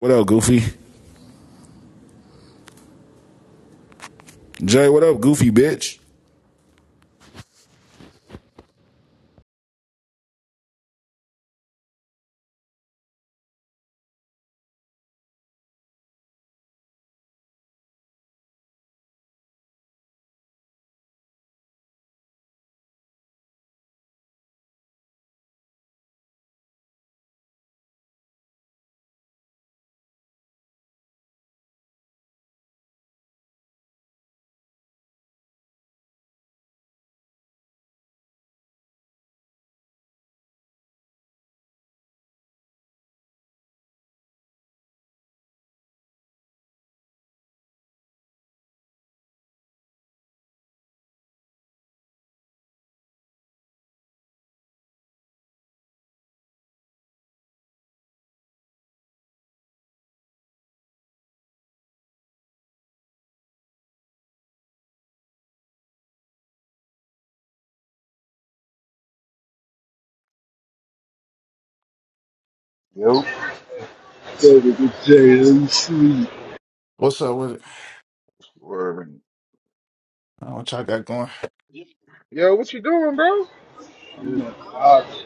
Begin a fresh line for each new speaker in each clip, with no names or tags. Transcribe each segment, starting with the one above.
What up, Goofy? Jay, what up, Goofy bitch?
Yo,
Baby, good day. I'm sweet.
What's up with it?
word.
I don't know what y'all got going.
Yo, what you doing, bro?
Oh
Shit.
my God.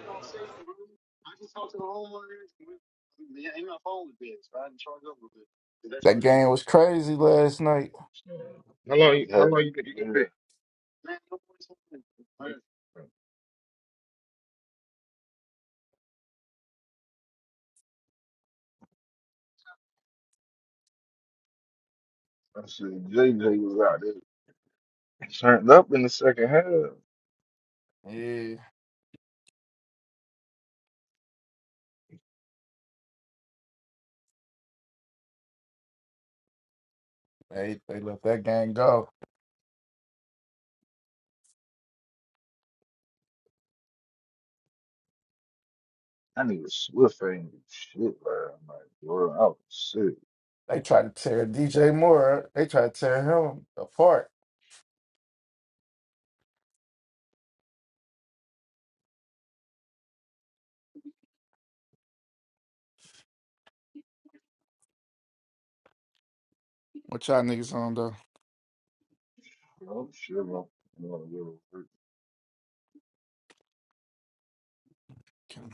That game was crazy last night.
How long? You, how Yeah, long you think you gonna yeah. be? I said JJ was out there turned up in the second half.
Yeah, they they let that game go.
I need a Swift ain't do shit, man. I'm like, bro, I was sick,
They tried to tear DJ Moore. up. They tried to tear him apart. What y'all niggas on though?
bro. Shit, I'm gonna go to work.
Can-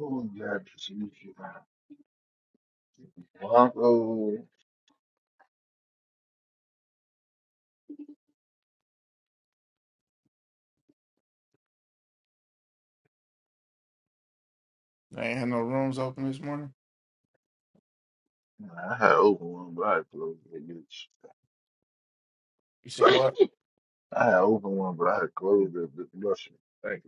Oh, God, this new shit, man. Blanco.
They ain't had no rooms open this morning.
I had open one, but I had closed it, bitch.
You said what?
I had open one, but I had closed it, bitch. Russian. Thank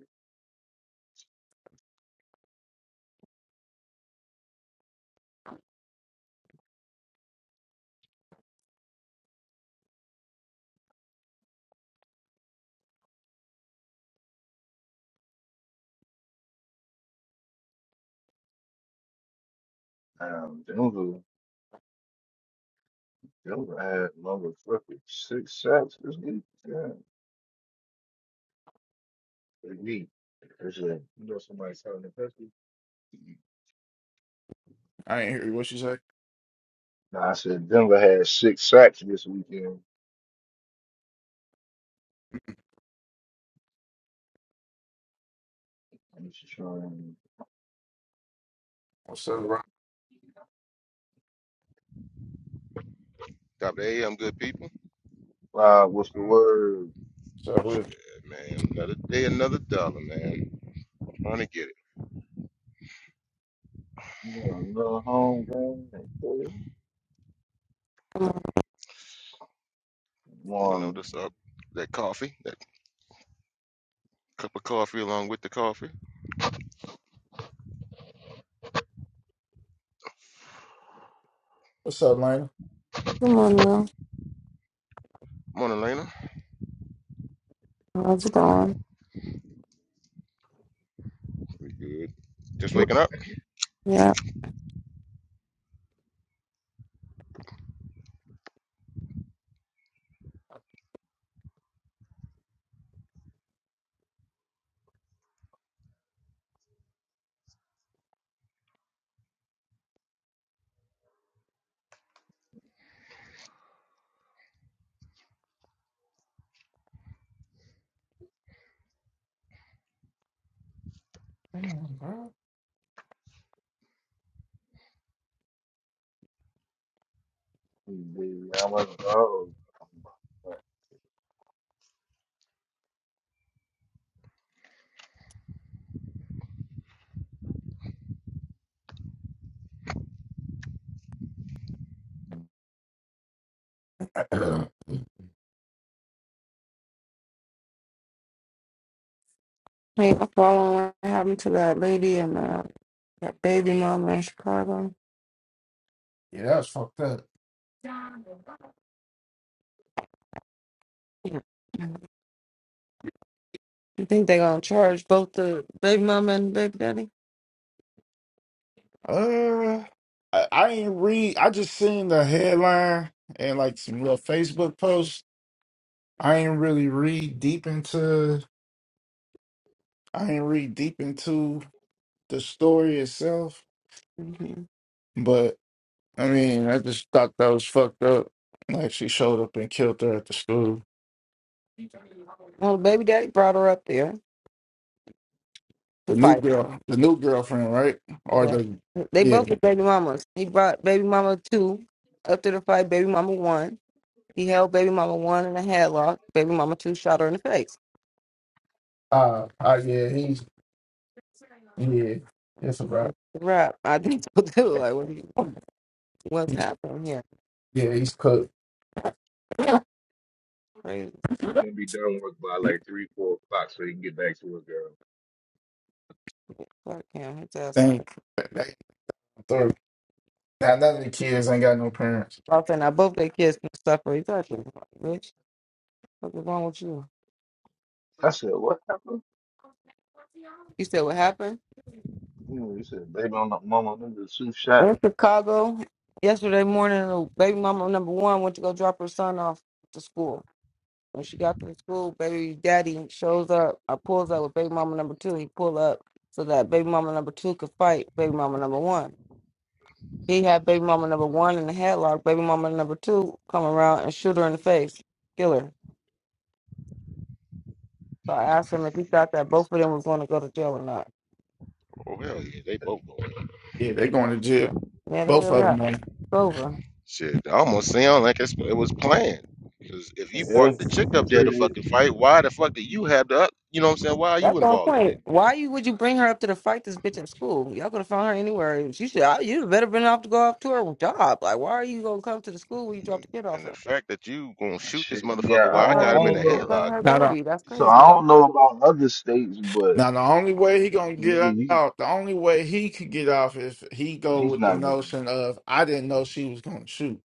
you. Um, Them had motherfucking six sacks this week. Yeah, they need. It's a, You know somebody selling the pussy?
I ain't hear you. What you say?
nah, I said Denver had six sacks this weekend. I'm just trying.
What's up, bro?
Dr. A, I'm good people.
Uh, what's the word?
What's up
Shit,
with? it?
man. Another day, another dollar, man. Trying to get it.
You know, another home game. and play.
You know,
One,
just up that coffee, that cup of coffee along with the coffee.
What's up, Lana?
Good morning,
Morning, Lena.
How's it going?
Pretty good. Just
baby,
waking up.
Yeah,
Damn, bro.
I'm a dog.
hey, I'm following what happened to that lady and uh, that baby mama in Chicago.
yeah, that was fucked up.
Yeah. You think they gonna charge both the baby mama and the baby daddy?
Uh, I, I ain't read. I just seen the headline and like some real Facebook posts. I ain't really read deep into I ain't read deep into the story itself,
hmm
but I mean, I just thought that was fucked up. Like she showed up and killed her at the school.
Well, the baby daddy brought her up there to
The new
fight.
girl, the new girlfriend, right? Or
Yeah,
the
they
yeah,
both were baby mamas. He brought baby mama two up to the fight. Baby mama one. He held baby mama one in a headlock. Baby mama two shot her in the face.
uh, uh yeah, he's yeah, it's about
Right. I think so too. Like, what, do you- what's
he's,
happening here?
yeah, he's cooked.
Crazy.
He's gonna be done work by like three, four o'clock, so he can get back to his girl.
Fuck him. He just
Thank now none of the kids ain't got no parents.
both and I both their kids can suffer. He touched me. Like, Bitch, what's wrong with you?
I said, what happened?
You said what happened?
You know, he said, baby, I'm not mama. I'm Them the two shot.
In Chicago, yesterday morning, the baby mama number one went to go drop her son off to school. When she got to the school, baby daddy shows up. I pulls up with baby mama number two. He pull up so that baby mama number two could fight baby mama number one. He had baby mama number one in the headlock. Baby mama number two come around and shoot her in the face, kill her. So I asked him if he thought that both of them was going to go to jail or not.
Oh, hell yeah. They both going.
Yeah, they going to jail.
Yeah, they
Both
were
of
not. It's
them.
over.
Shit, I almost sound like it's, it was planned. Because if you brought
Yeah,
the chick
and
up there to
treat it.
fucking fight, why the fuck do you have the, up- you know what I'm saying? Why are
That's
you
the whole
involved in
point.
it?
Why you would you bring her up to the fight this bitch in school? Y'all could have found her anywhere. She should. I- You better been off to go off to her job. Like, why are you gonna come to the school when you dropped
And,
the kid off
and the
at?
fact that you gonna shoot this
Shit,
motherfucker
yeah.
in
I
while I
don't,
front
got
of
him
I
in
don't
his,
a
in
know.
front of
headlock.
her
Not
baby? That's
So I
crazy.
don't know about other states, but
Now the only way he gonna
nigga,
get
he
out, the only way he could get off is he go
he's
with the
not getting
notion of I didn't know she was gonna shoot.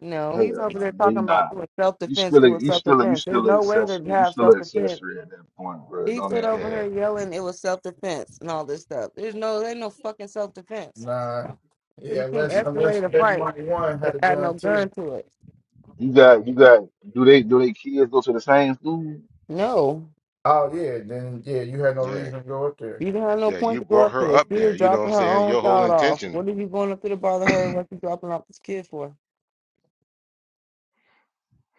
No, he's
hell,
over there
man. He
talking about
not.
it was self
You
defense.
still,
It
a,
was
you
self
still, a, you
defense. There's
still an
no way to
accessory. You
have
still
self
an
defense.
accessory at that point, bro.
He
Don't
stood
even.
over
Yeah.
her yelling it was self defense and all this stuff. There's no, there ain't no fucking self defense.
Nah,
You
yeah,
can't
unless
You.
unless
escalate a
Baby
fight
Money One
It
had a
had no
gun
gun
too.
to it.
You got, you got. Do they, do they kids go to the same school,
No.
Oh yeah, then yeah, you had no
yeah.
reason to go up there.
You didn't have no
Yeah,
point
you
to go
brought
up
her
there.
up
She
there.
was
You know what I'm
dropping her
saying?
own
Your whole
child off.
intention.
What are you going up there to bother her? What you dropping off this kid for?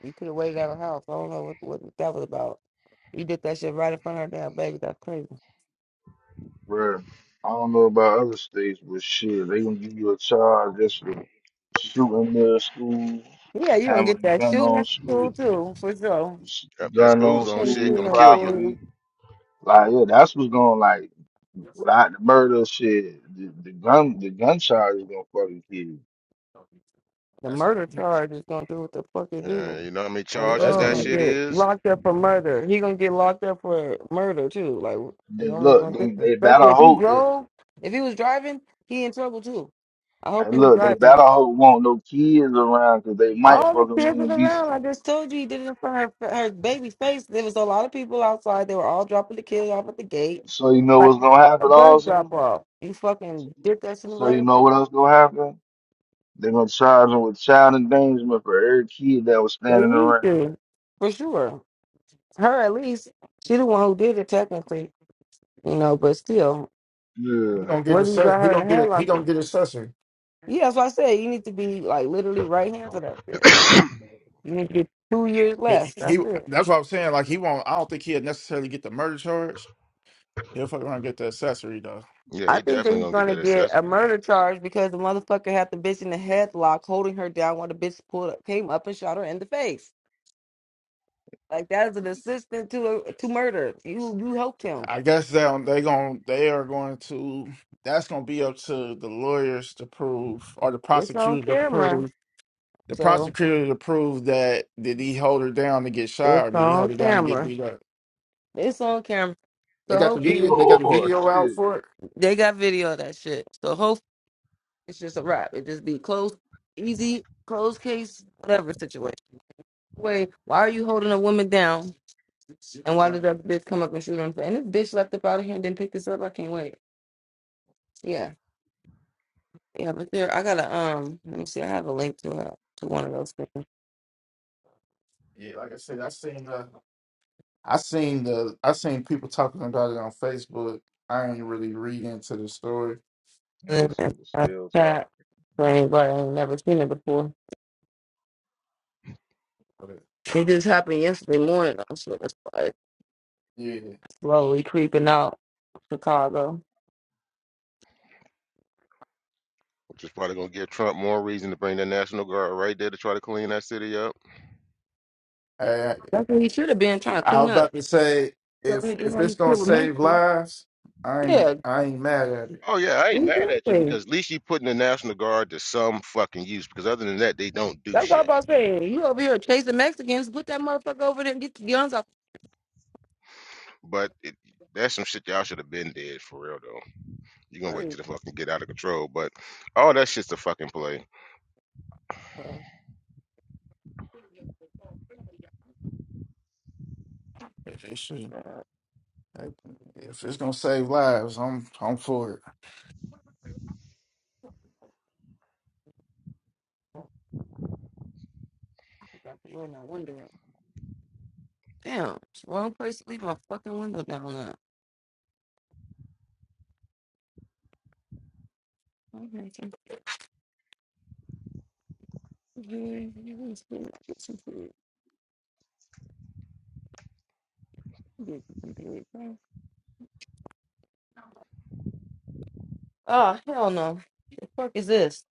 You could have waited at her house. I don't know what, what that was about. You did that shit right in front of her damn baby. That's crazy.
bro? I don't know about other states, but shit, they gonna give you a charge just for shooting the school,
Yeah, you gonna get
having a
that
gun
shooting
on
at the
school,
school too, for sure.
Yep, that
gun
school
on
You
zone
can't
shit
shoot
school
gonna
no
kill you.
property. Like, yeah, that's what's going like without
school.
the murder shit, the, the gun the gun charge is gonna fucking kill you.
The
That's gonna
murder
yeah,
charge is gonna do what the fuck it do.
Uh, you know how many
A
that's
charges
girl
that
gonna
gonna
shit
Mm.
get
is?
locked up for murder. He gonna get locked up for murder too. Like it
Then
don't make no
look, they,
difference.
they
Especially
better
if he
hope it
drove. If he was driving, he in trouble too. I hope
and
he was
look, they
driving.
better hope won't no kids around because they might
All the
fucking
kids was
man be
around. I just told you he did it in front of her, her baby's face. There was a lot of people outside. They were all dropping the kids off at the gate,
so you know
like
what's gonna
a
happen
bus drop
also.
off. You fucking did that shit
So you
right.
know what else gonna happen? They're gonna charge him with child endangerment for every kid that was
They
standing
need
around.
to, for sure. Her at least. She the one who did it technically. You know, but still,
he
Yeah.
gonna get
what
a
do you
sus
got
he
her in the
gonna get a he
headlock
gonna
for?
get a susser.
Yeah, that's why I said. You need to be like literally right hand to that shit.
yeah,
You need to get two years
He,
less.
he
That's it.
that's what I'm saying. Like he won't. I don't think he'll necessarily get the murder charge. He'll fuck around and get the accessory though.
I
he
think that
definitely
he's
gonna get
gonna
that
get a
accessory,
murder charge because the motherfucker had the bitch in the headlock, holding her down while the bitch pulled up, came up and shot her in the face. Like that is an assistant to to murder. You you helped him.
I guess they don't- they going they are going to that's going to be up to the lawyers to prove or the
It's on
prosecutor to
camera.
prove the
So
prosecutor to prove that did he hold her down to get shot
it's
or did he hold
on
her down to get
camera.
beat up?
It's on camera.
They
So
got the
Either
video.
hopefully
They got the
or
video out
shit.
for it.
they got video of that shit. So It's just a wrap. It just be closed, easy, closed case, whatever situation. Wait, why are you holding a woman down? And why
Right.
did that bitch come up and shoot her? in the- face? And this bitch left up out of here and didn't pick this up. I can't wait. Yeah, yeah, but there, I gotta um. Let me see. I have a link to her to one of those things.
Yeah, like I said, I seen the I seen the I seen people talking about it on Facebook. I ain't really read into the story.
Man,
And
this
then
nigga
I have
still
a chat
talking.
for anybody ain't never seen it before.
But
It just happened yesterday morning. though, So that's why it's like
yeah.
slowly creeping out Chicago.
which is probably gonna give Trump more reason to bring the National Guard right there to try to clean that city up.
That's what he should have been trying to
I was
clean up.
about to say
He over
if
here doing
if
all
it's
this
gonna
shit with
save
Messi.
lives, I ain't
Yeah,
I ain't mad at it.
Oh yeah, I ain't mad at you
Exactly.
because at least you putting the National Guard to some fucking use. Because other than that, they don't do
That's what I'm
shit.
about saying. You over here chasing Mexicans, put that motherfucker over there and get the guns off.
But it, that's some shit y'all should have been dead for real though. you gonna wait
Crazy,
till the fucking get out of control. But all that shit's a fucking play.
bro.
It it should.
Uh, I
If it's gonna save lives, I'm I'm for it.
got the roll my window up. Damn, it's the wrong place to leave my fucking window down there. Okay, so- Oh hell no! The fuck is this?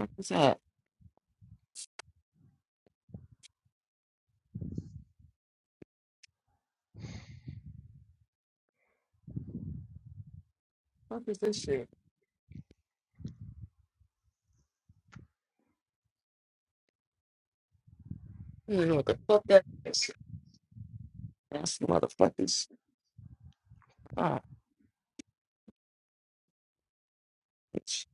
What is that? What is this shit? I don't even know what the fuck that is. That's motherfuckers. Ah, bitch.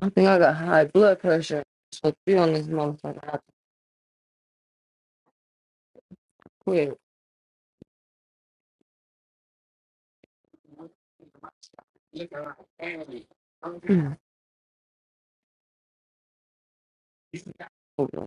I think I got high blood pressure. So be on this motherfucker. I have to quit. Mm. Hold on.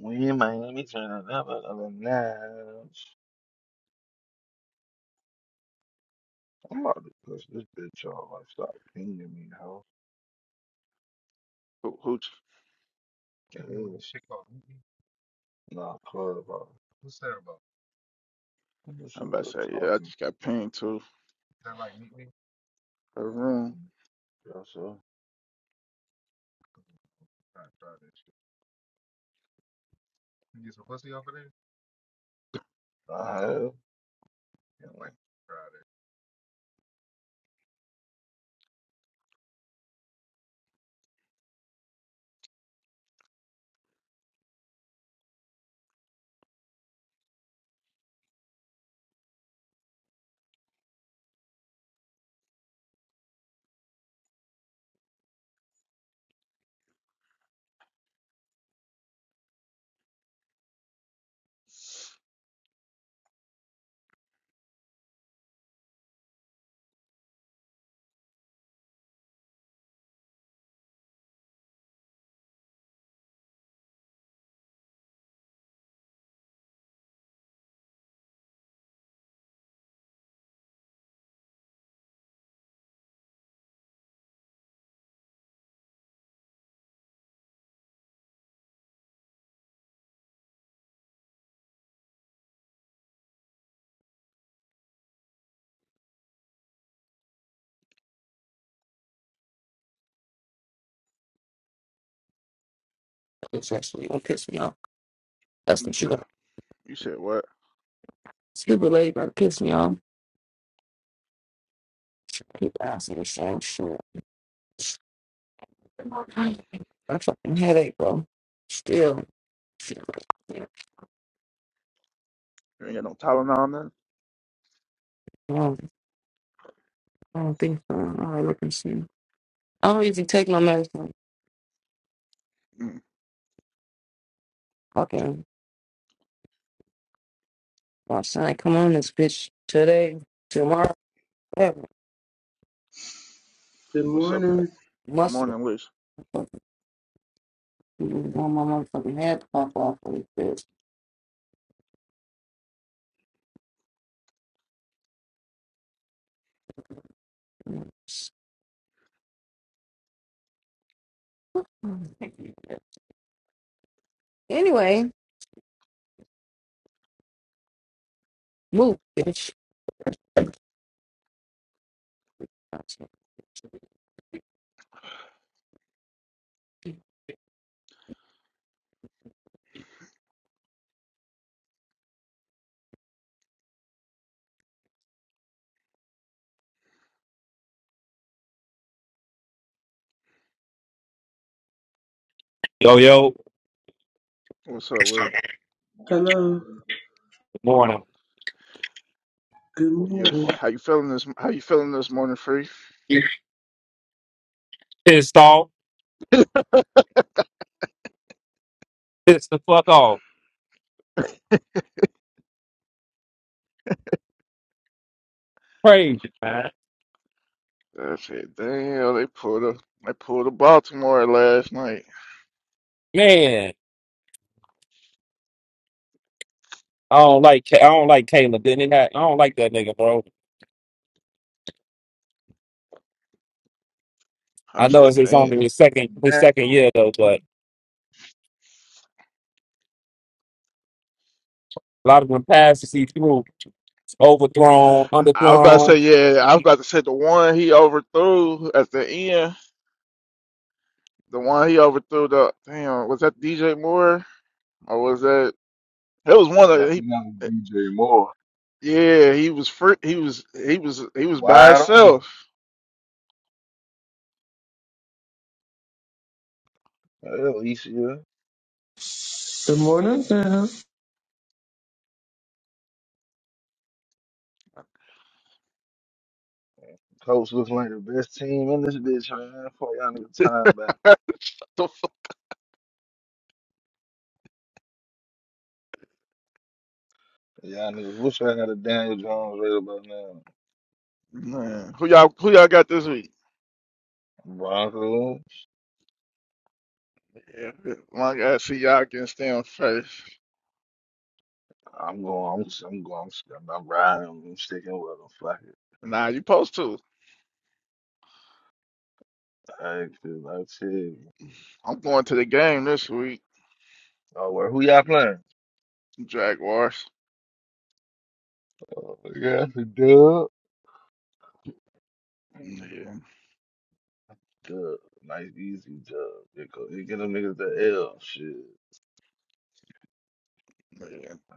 We in Miami turning up another notch. I'm about to push this bitch off. Like, stop pinging me, hoe.
Who, who,
Can't remember Ooh, shit called Meet Me. Nah, club. Uh, What's that about? this is
I'm about
what
to
i
say, yeah, I
talking.
just
Is
got pinged to
that like Meet Me?
a room.
Yeah, sure. I try that shit. You get some pussy off of there? I have. Yeah, I'm like, try that.
It's actually gonna piss me off. That's
You
what you
said,
got.
you said what?
Stupid lady gonna piss me off. Keep asking the same shit. I fucking headache, bro. Still. Shit, I can't-
You ain't got no Tylenol on that?
I don't, I don't think so. All right, look and see. I don't usually take my medicine.
Mm.
Fucking, my son, come on this bitch today, tomorrow, whatever.
Good
What's up?
morning.
Good
Muscle.
morning, Liz.
You want my motherfucking head to pop off of this bitch. Anyway, move, bitch.
Yo, yo.
What's up,
Good
Will?
Hello.
morning.
Good
Yeah,
morning.
how you feeling this? How you feeling this morning, Free?
Pissed off. Pissed the fuck off. Crazy, man.
I said, damn, they pulled a, they pulled a Baltimore last night.
Man, I don't like. Ca- I don't like Caleb. Then not had. I don't like that nigga, bro.
I
I know
said,
it's his
damn.
only his second
And
his
that,
second year though,
dude,
but a lot of them passes he threw overthrown,
I was about to say,
underthrown.
yeah, I was about to say the one he overthrew at the end, the one he overthrew the damn, was that DJ Moore or was that it was one
yeah, I
of he
think that was DJ Moore.
yeah, he was free, he was he was he was by
Wide on.
himself.
Hell, Alicia.
Good morning, Sam.
Coach looks like the best team in this bitch, man. Fuck y'all niggas time
The fu-
Y'all niggas wish I had a Daniel Jones right about now.
Man, who y'all who y'all got this week?
Broncos.
Yeah, my God, see y'all can stay on first.
I'm going. I'm. I'm going. I'm, I'm riding. I'm sticking with them. Fuck it.
Nah, you supposed to.
I feel like shit.
I'm going to the game this week,
Oh, well, who y'all playing?
Jaguars.
Yeah, it's a dub.
Yeah,
Dub. Nice, easy dub. It go. It get them niggas the L. Shit.
yeah,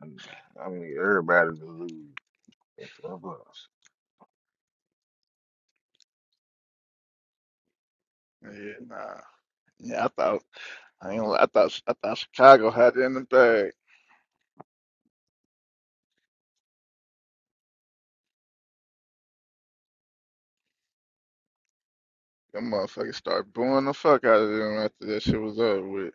I mean, I mean everybody to lose. That's what I'm
yeah, nah. Yeah, I thought. I ain't, gonna- I thought I thought Chicago had it in the bag. Them motherfuckers started booing the fuck out of them after that shit was over with.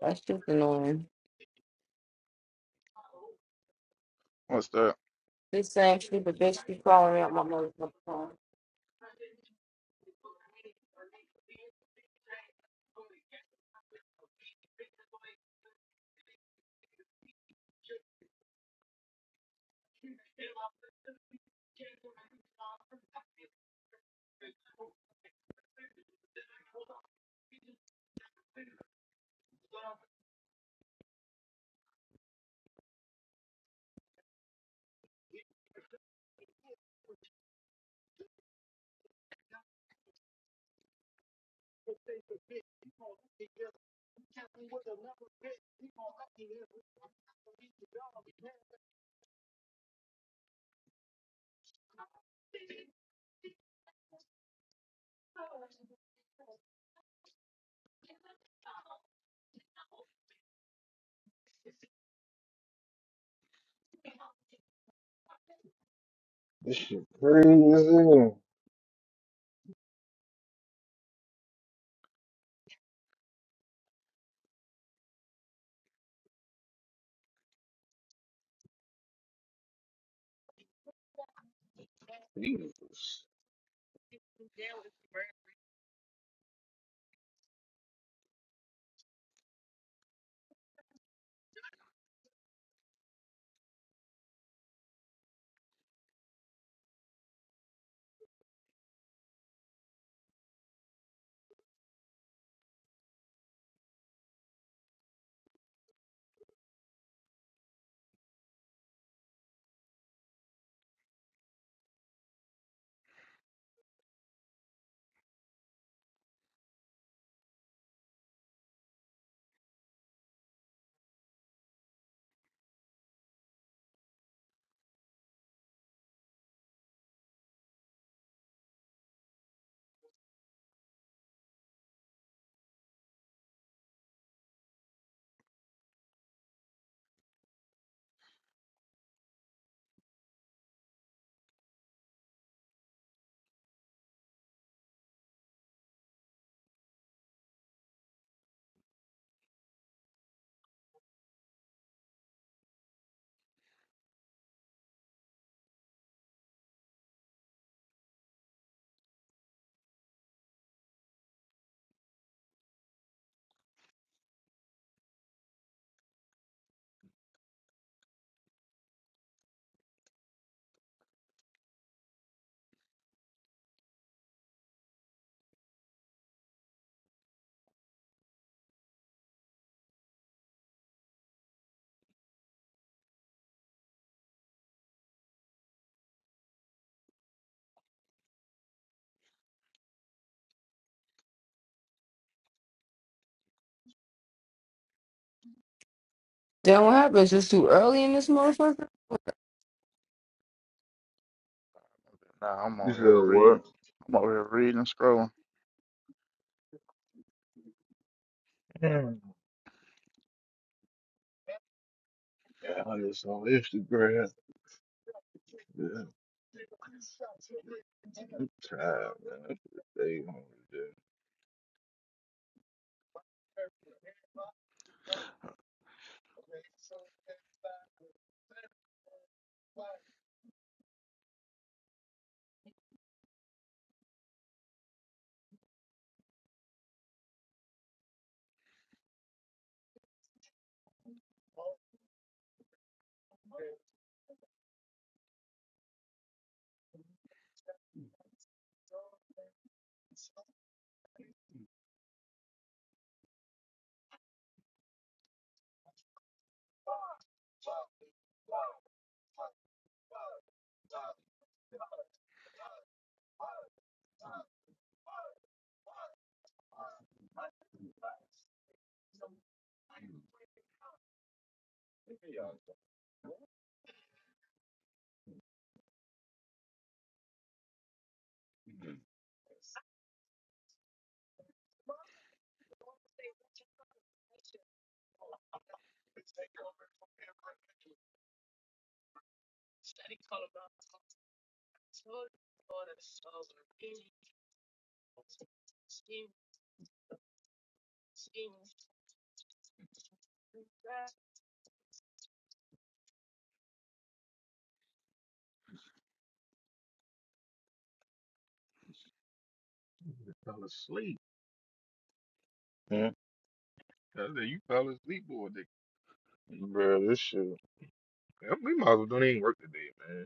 That's just annoying.
What's that?
This same stupid bitch keep calling me out my motherfucking phone.
This shit crazy. as hell. Jesus.
Then what happens? It's too early in this motherfucker?
Nah, I'm
You
over here
said what?
reading. I'm over here reading and scrolling.
Yeah, I just on Instagram. Yeah. I'm tired, man. I should stay home today. You fell asleep. Hmm? I said, you fell asleep all day. Bro, this shit, Man, We might as well don't even work today, man.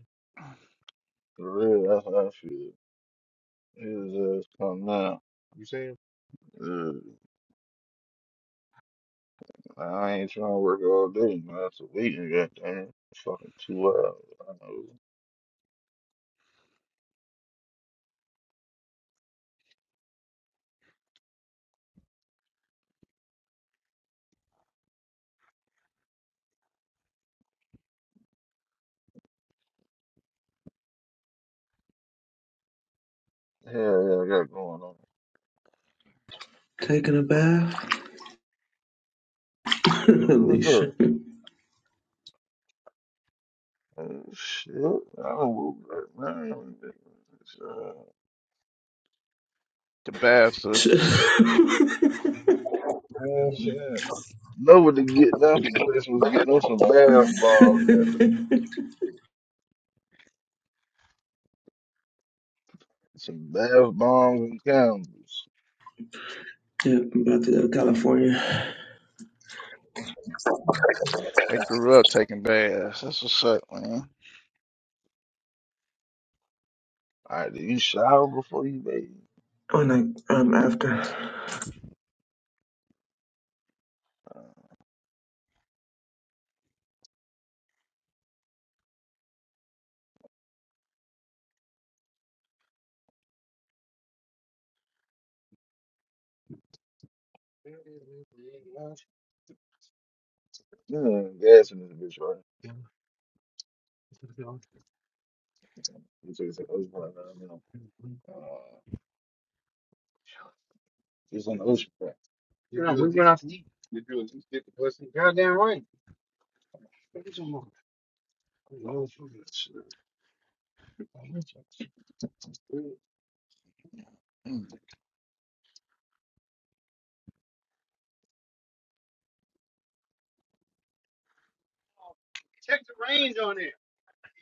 for real, that's how I feel. His ass come now. You saying? Uh, I ain't trying to work all day, man. It's a week, goddamn. Fucking two hours. I know. Hell yeah, I got going on.
Taking a bath,
Who was that?
Alicia.
Oh, shit. I don't know, man. Uh,
The baths, so
yeah,
it's-
yeah, shit. Know to get them for Christmas? Get them some bath bombs. man. They need Some bath bombs and candles.
I'm about to go to California
they grew up taking baths. That's what's up, man.
All right, do you shower before you bathe?
on I um after.
You know, gas in this bitch, right? You take some ocean spray, man. You know, Uh, it's an ocean spray. Yeah, we went out.
Mm.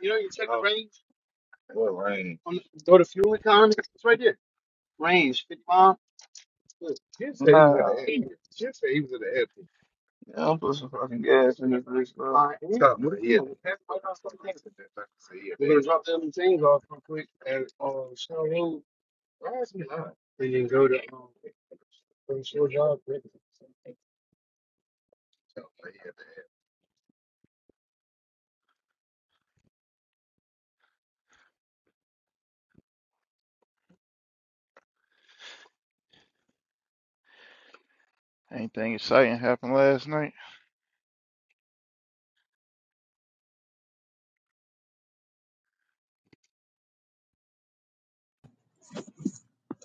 You know, you check the range. What range? Jim said he was at the Nah. airport. Jim said he was at the airport. Yeah, I'm putting some fucking gas in this bitch, bro. All right, Stop, what he had. We're gonna drop the other things off real quick and uh, show Hey
Anything exciting happened last night?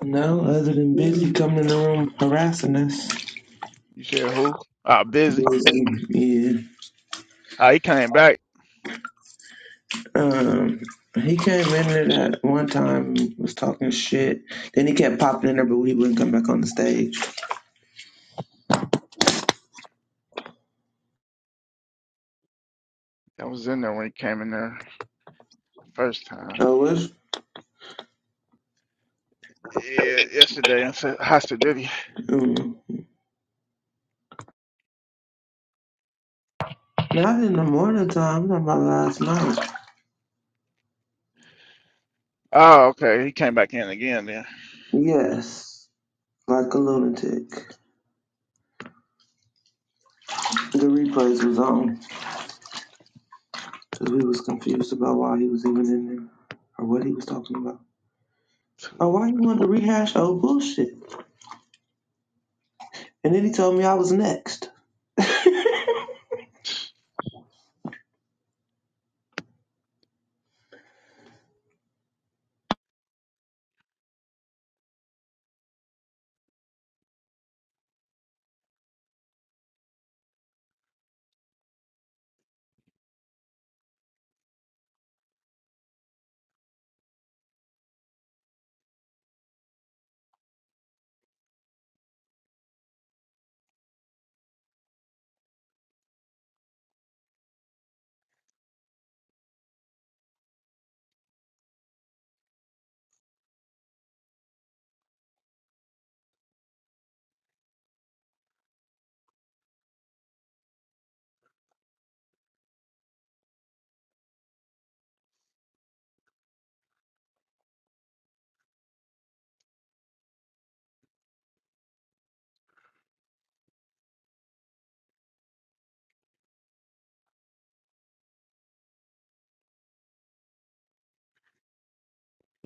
No, other than busy coming in the room harassing us.
You said who? Ah, busy.
Busy, yeah.
Ah, he came back.
Um, he came in there that one time was talking shit. Then he kept popping in there, but he wouldn't come back on the stage.
I was in there when he came in there first time.
Oh, it was
Yeah, yesterday. I said, "How's the duty?"
um, not in the morning time. I'm talking about last night.
Oh, okay. He came back in again then.
Yes. like a lunatic. The replays was on because we was confused about why he was even in there or what he was talking about. or why he wanted to rehash old bullshit. And then he told me I was next. hey,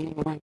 Mhm.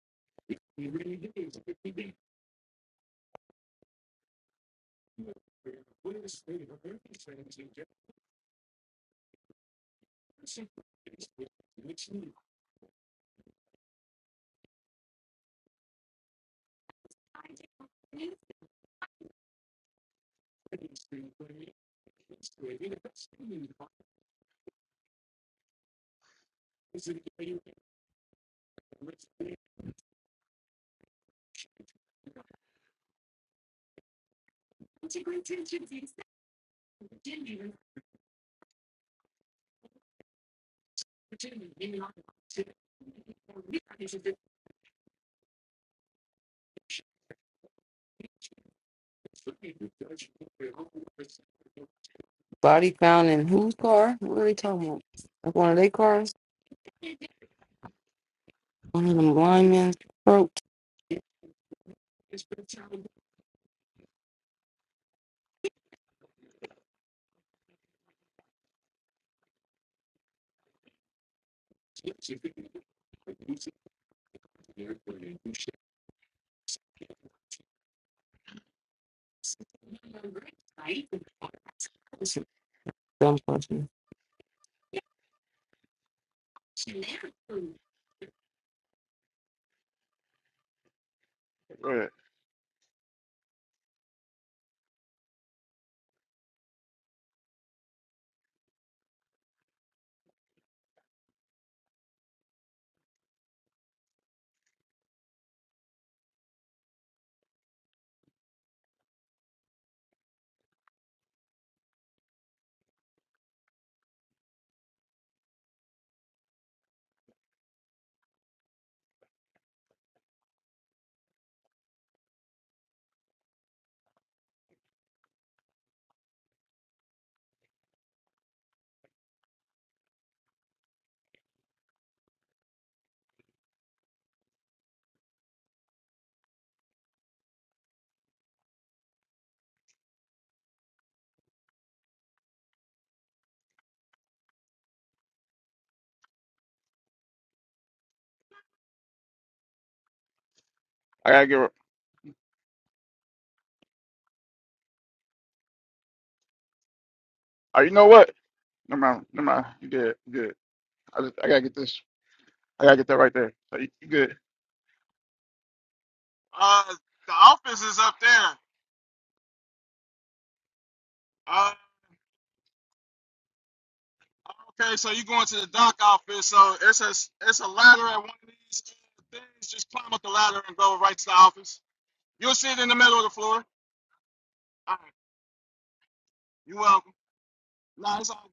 Body found in whose car? What are they talking about? Like one of their cars? One of them linemen's. It's been telling us, yes, you could be using the airport and do shit. Yes, you never.
Go ahead. I gotta get. Oh, you know what? Never mind. Never mind. You good? You good. I just, I gotta get this. I gotta get that right there. So you, you good? Uh, the office is up there. Uh, okay, so you going to the dock office? So it's a it's a ladder at one of these uh, things. Just climb up the ladder and go right to the office. You'll see it in the middle of the floor. All right, you're welcome. Nah, it's all.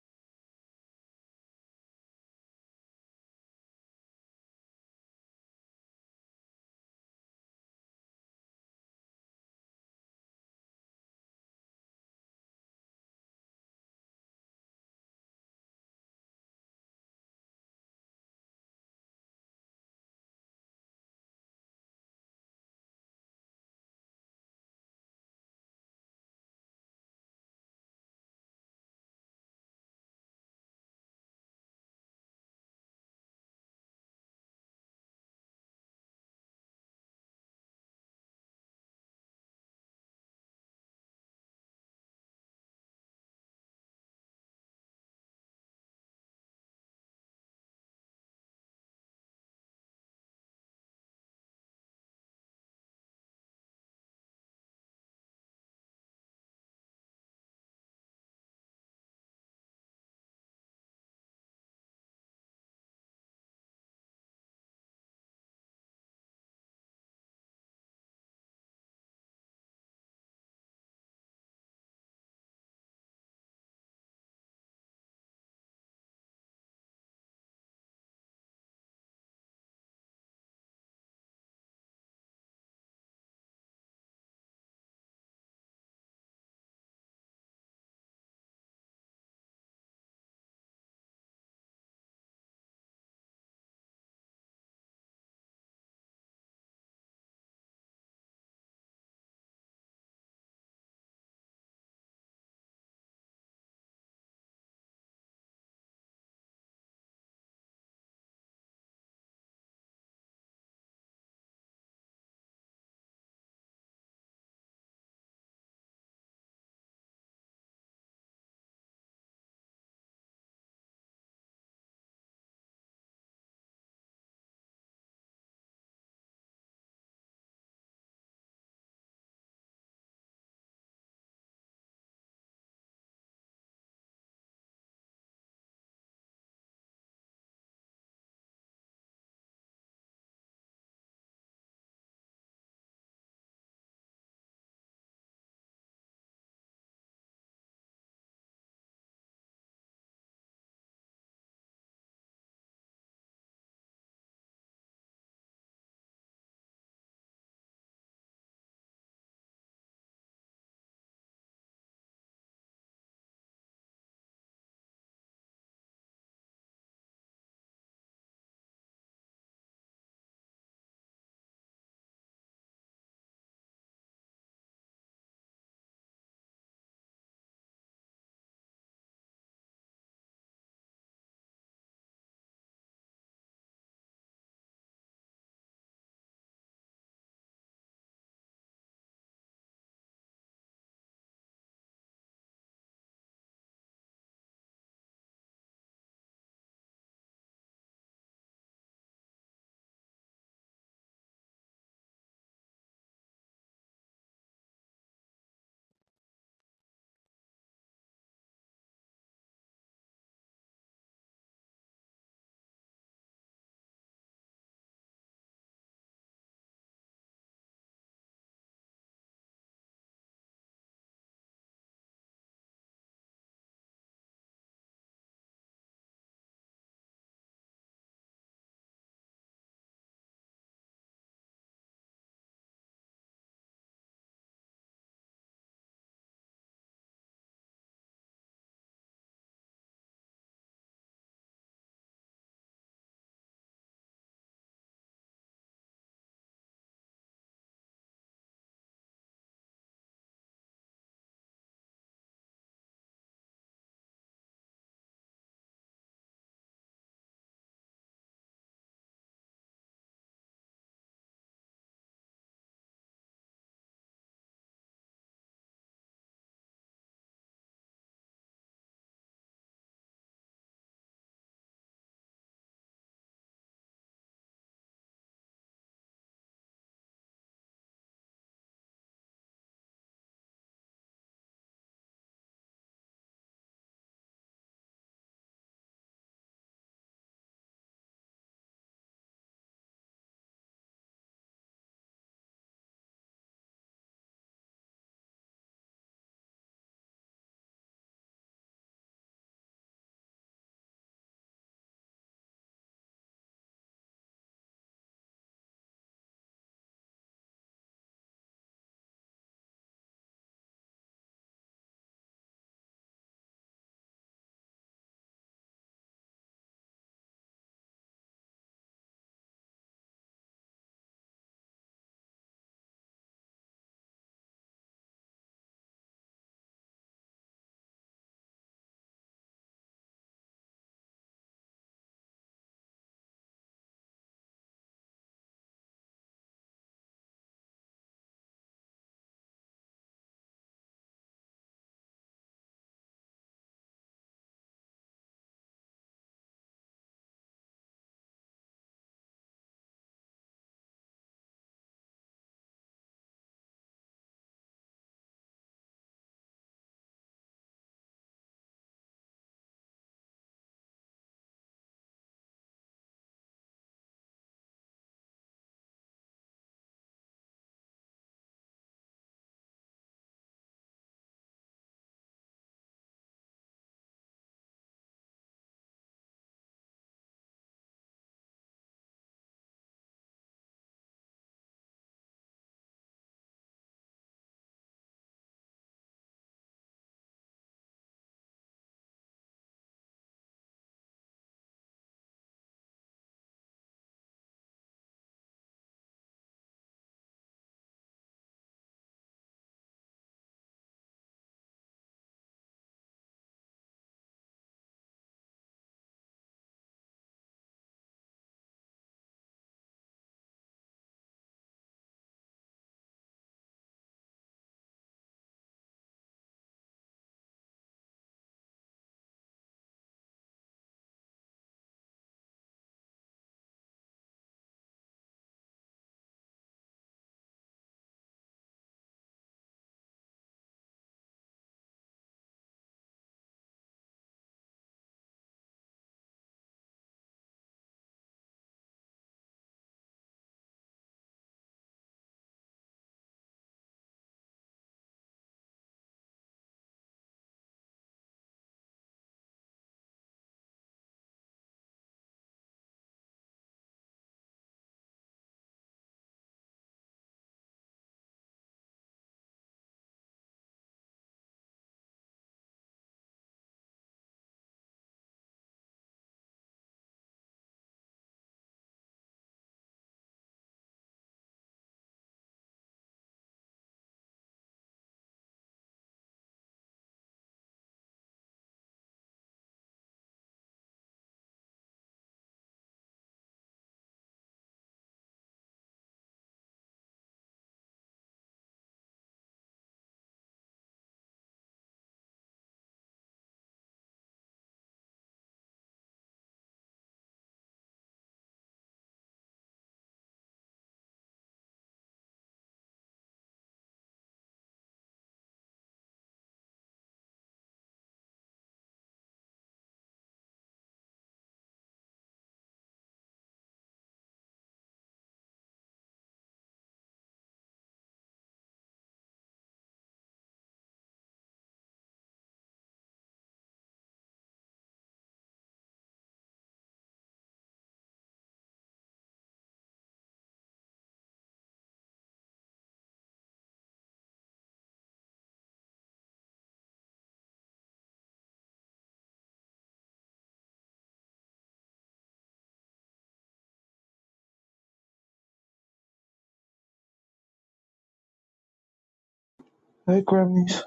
Grammys.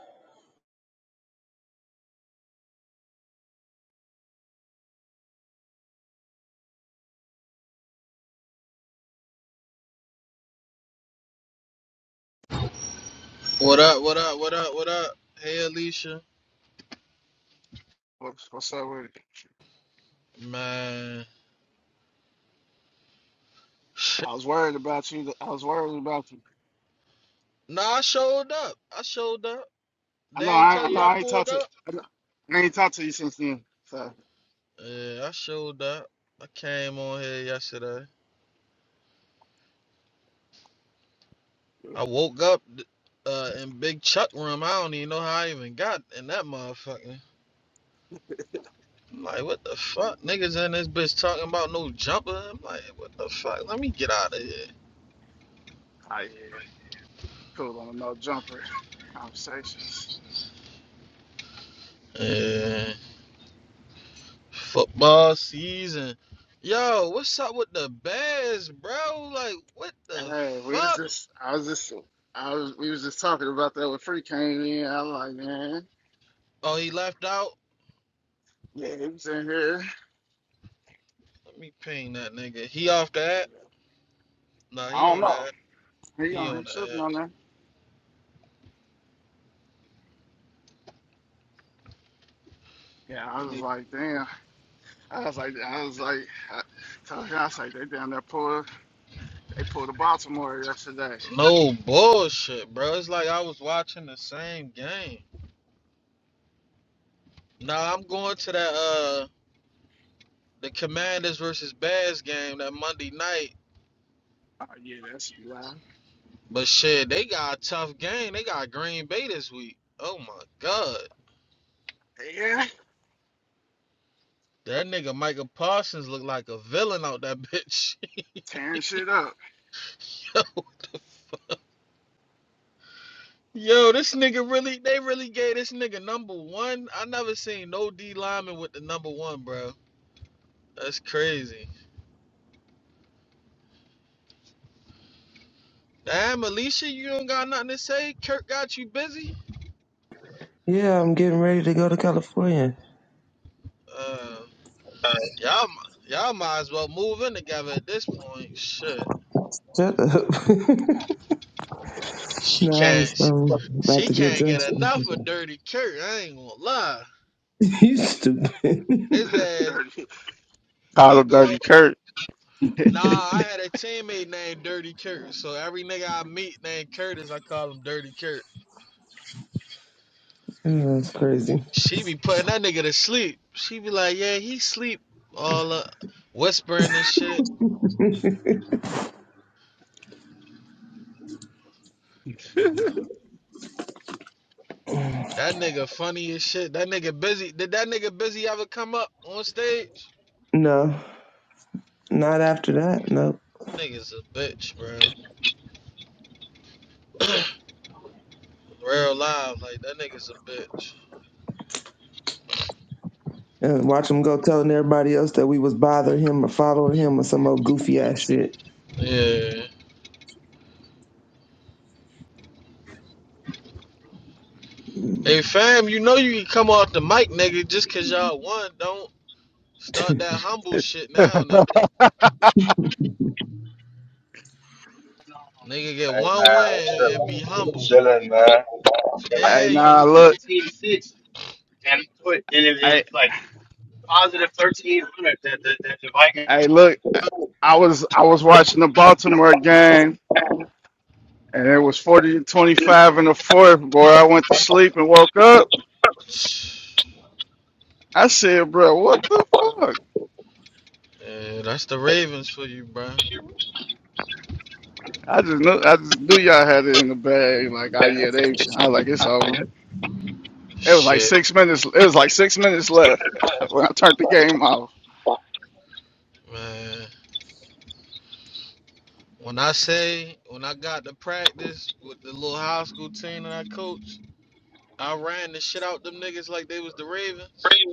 What up? What up? What up? What up? Hey, Alicia.
What's, what's up with it?
Man,
I was worried about you. I was worried about you.
nah, I showed up. I showed up.
I know
They ain't
I,
tell
I know
you I
I ain't
pulled
talked to
up.
I, know- I ain't talked to you since then. So
Yeah, I showed up. I came on here yesterday. I woke up uh, in Big Chuck room. I don't even know how I even got in that motherfucker. I'm like, what the fuck? Niggas in this bitch talking about no jumper. I'm like, what the fuck? Let me get out of here.
I yeah, cool on the no jumper conversations.
Yeah. Football season. Yo, what's up with the Bears, bro? Like, what the
Hey, we was
fuck?
just I was just I was we was just talking about that when Free came in. I was like, man,
Oh, he left out.
yeah, he was in here.
Let me ping that nigga. He off the app? Nah,
I
he
don't
on the
know.
app.
He
He
on
on
he
the
should be
app.
on there. Yeah, I
Let
was
me.
like, damn. I was like I was like I told him I was like they down there pulled they pulled a Baltimore yesterday.
No bullshit, bro. It's like I was watching the same game. Nah, I'm going to that uh the Commanders versus Bears game that Monday night.
Oh yeah, that should be loud.
But shit, they got a tough game. They got Green Bay this week. Oh my god.
Yeah,
That nigga Michael Parsons looked like a villain out that bitch.
tearing shit up.
yo, yo, this nigga really, they really gave this nigga number one. I never seen no D lineman with the number one, bro. That's crazy. Damn, Alicia, you don't got nothing to say. Kirk got you busy.
Yeah, I'm getting ready to go to California.
Uh, y'all, y'all might as well move in together at this point. Shit,
Shut up.
she
no, I
can't,
was
she,
um, about
she
to get
can't get
dressed.
enough of Dirty Kirk. I ain't gonna lie.
you stupid.
His ass,
dirty. Called
he
him
go
Dirty Kurt. hey,
Nah, I had a teammate named Dirty Kurt. So every nigga I meet named Curtis, I call him Dirty Kurt.
Yeah, That's crazy.
She be putting that nigga to sleep. She be like, yeah, he sleep all up, whispering and shit. That nigga funny as shit. That nigga busy. Did that nigga busy ever come up on stage?
no, not after that. Nope.
Nigga's a bitch, bro. Real live, like that nigga's a bitch.
and watch him go telling everybody else that we was bothering him or following him or some old goofy ass shit.
Yeah. Hey fam, you know you can come off the mic, nigga, just cause y'all won. Don't start that humble shit now, nigga. Nigga get one
man, I'm
win
chilling.
and be
I'm
humble.
chilling, man. Chilling. I
Yeah,
just was
you.
nah,
down
look.
17 to 6.
Hey, hey, look. I was I was watching the Baltimore game, and it was forty to twenty five in the fourth. Boy, I went to sleep and woke up. I said, "Bro, what the fuck?"
Yeah, that's the Ravens for you, bro.
I just knew I just knew y'all had it in the bag. Like, oh yeah, they. I was like it's over. It was like
Shit,
six minutes. It was like six minutes left when I turned the game off.
man. When I say when I got to practice with the little high school team that I coached, I ran the shit out them niggas like they was the Ravens.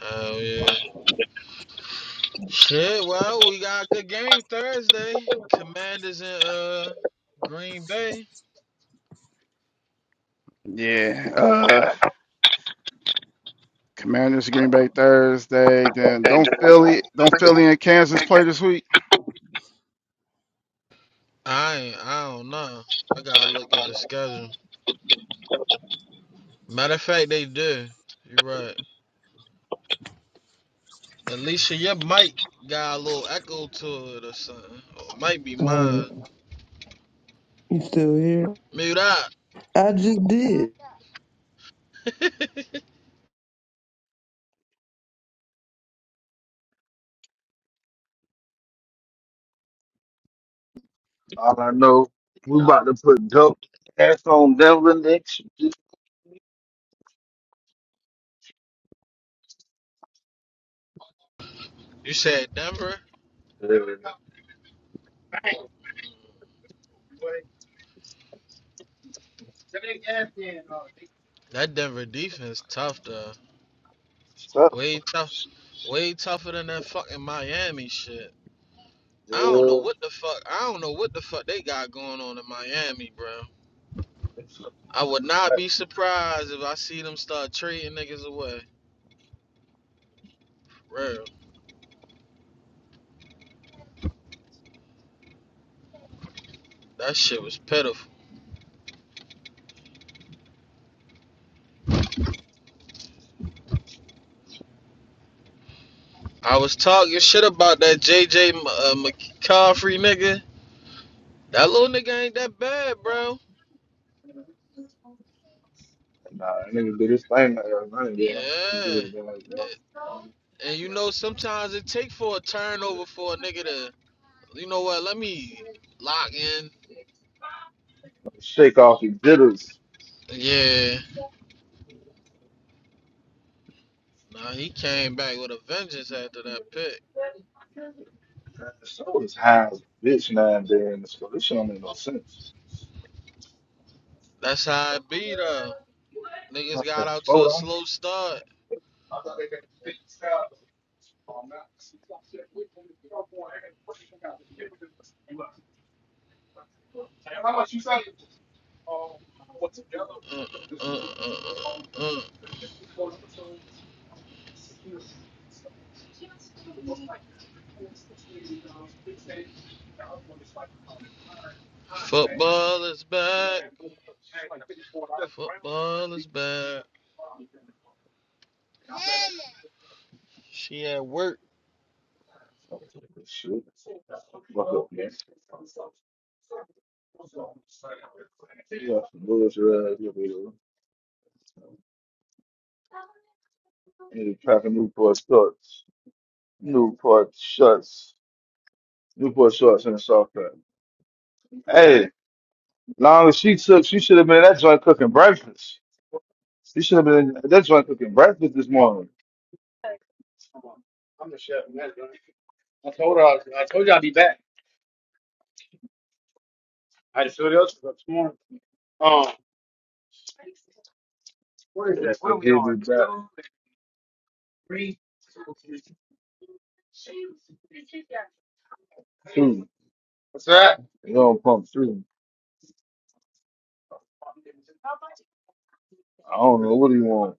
Oh yeah. Shit. Well, we got a good game Thursday. Commanders in uh Green Bay.
Yeah. Uh,
Alright,
Commanders, Green Bay Thursday. Then don't Philly, don't Philly and Kansas play this week.
I ain't, I don't know. I gotta look at the schedule. Matter of fact, they do. You right. Alicia, your mic got a little echo to it or something. Or it might be mine.
you still here?
Mute up.
I just did.
All I know, we about to put dope ass on Devlin next. Yeah.
you said Denver? That Denver defense tough though.
Stuff.
Way tough way tougher than that fucking Miami shit. I don't know
Yeah.
what the fuck I don't know what the fuck they got going on in Miami, bro. I would not be surprised if I see them start trading niggas away. Real. That shit was pitiful. I was talking shit about that JJ uh, McCaffrey nigga. That little nigga ain't that bad, bro.
Nah, I nigga do this thing like that. I ain't doing that. Nigga
Yeah.
do this thing like that.
And you know, sometimes it take for a turnover for a nigga to, you know what, let me lock in.
Shake off your jitters.
Yeah. Nah, he came back with a vengeance after that pick.
So is high as a bitch now and then. So this shit don't make no sense.
That's how it be, though. Niggas
Hold
got out to a
on.
slow start. Uh, uh, uh, uh, uh. Football is back. Football is back. She at work.
Shit. Fuck up, man. Yeah, Louis Red, you know, and packing Newport shorts, Newport shorts, Newport shorts and a soft pack. Hey, long as she took, she should have been at that joint cooking breakfast. She should have been at that joint cooking breakfast this morning. Yes, the biggest back two. You know, pump three. I don't know what do you want.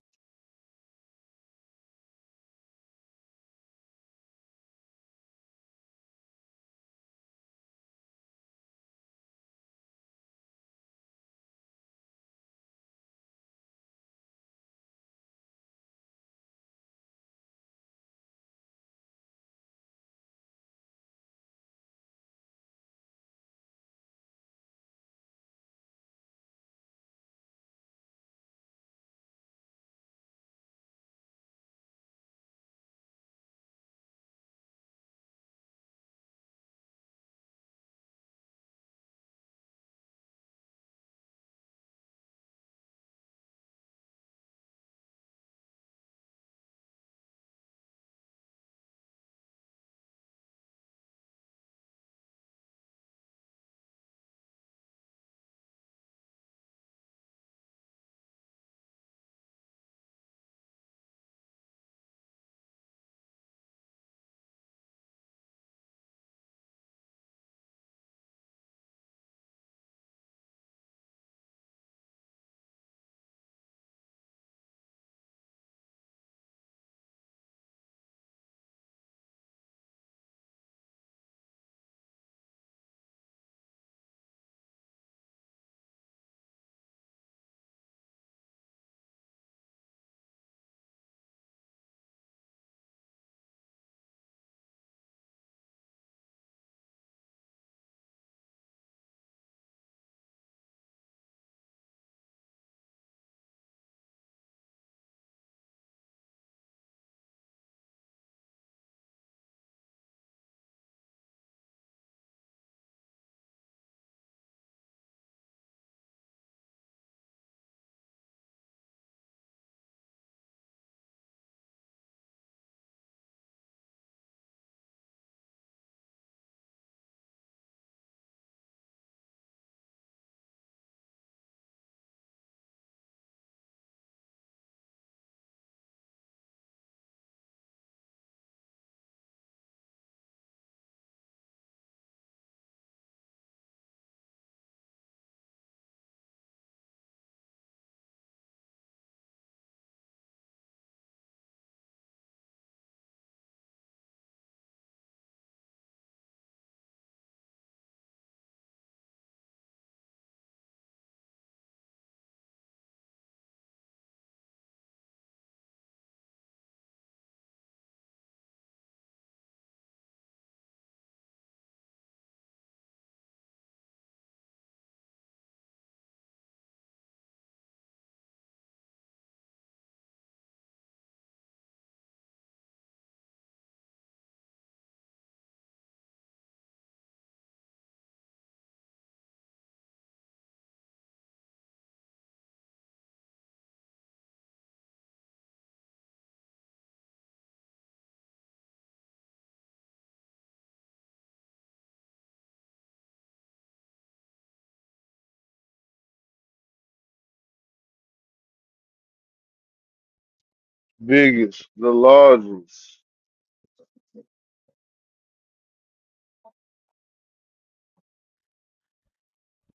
Biggest, the largest.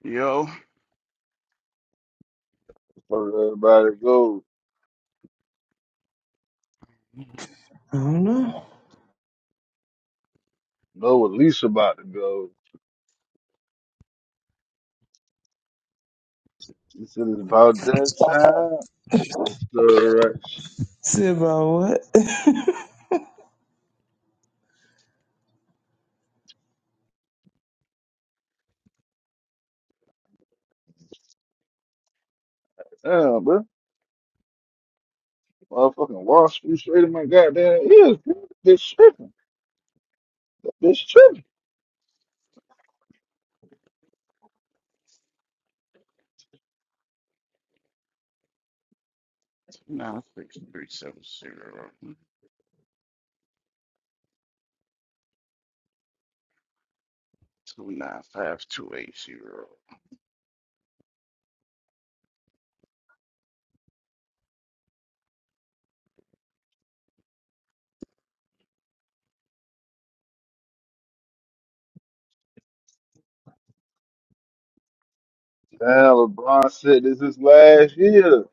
Yo, two
Where everybody go.
I don't know.
Know what Lisa about to go. This is about that time. What's the rush?
Said about what?
Yeah, bro. Motherfucking Wall Street straight in my goddamn ears. bro. This tripping. This tripping.
nine six three seven zero two nine five two eight zero.
Damn, LeBron said this is last year.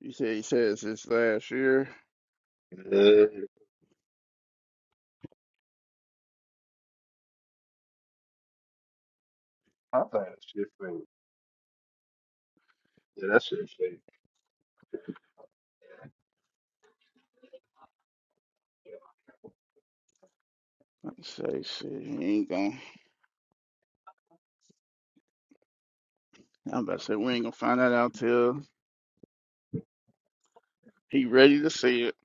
You said he says this last year.
Yeah, I think that shit fake. Yeah, that shit fake.
I'm say shit, he ain't gonna. I'm about to say we ain't gonna find that out till he ready to see it.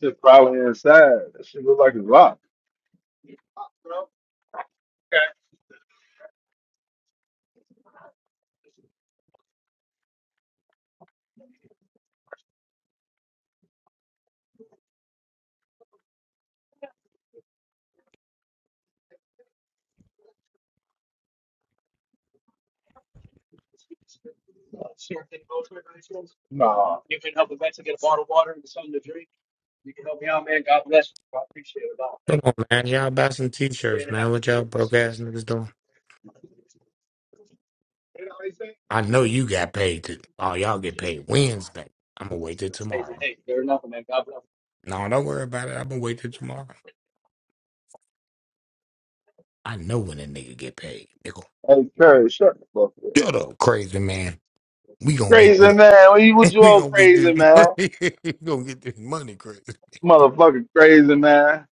Shit probably inside. That shit look like it's locked. Nah. Hey,
Come on, man. Y'all buy some t-shirts, man. What y'all broke ass niggas doing? I know you got paid. To, oh, y'all get paid Wednesday. I'm gonna wait till tomorrow. No, don't worry about it. I'm gonna wait till tomorrow. I know when a nigga get paid, nigga.
Curry, shut the fuck up.
Shut up, crazy man. We gonna get
Crazy man.
this.
What you, what you
We
on,
gonna get this
crazy
money.
man?
we gonna get this money, crazy.
Motherfucking crazy man.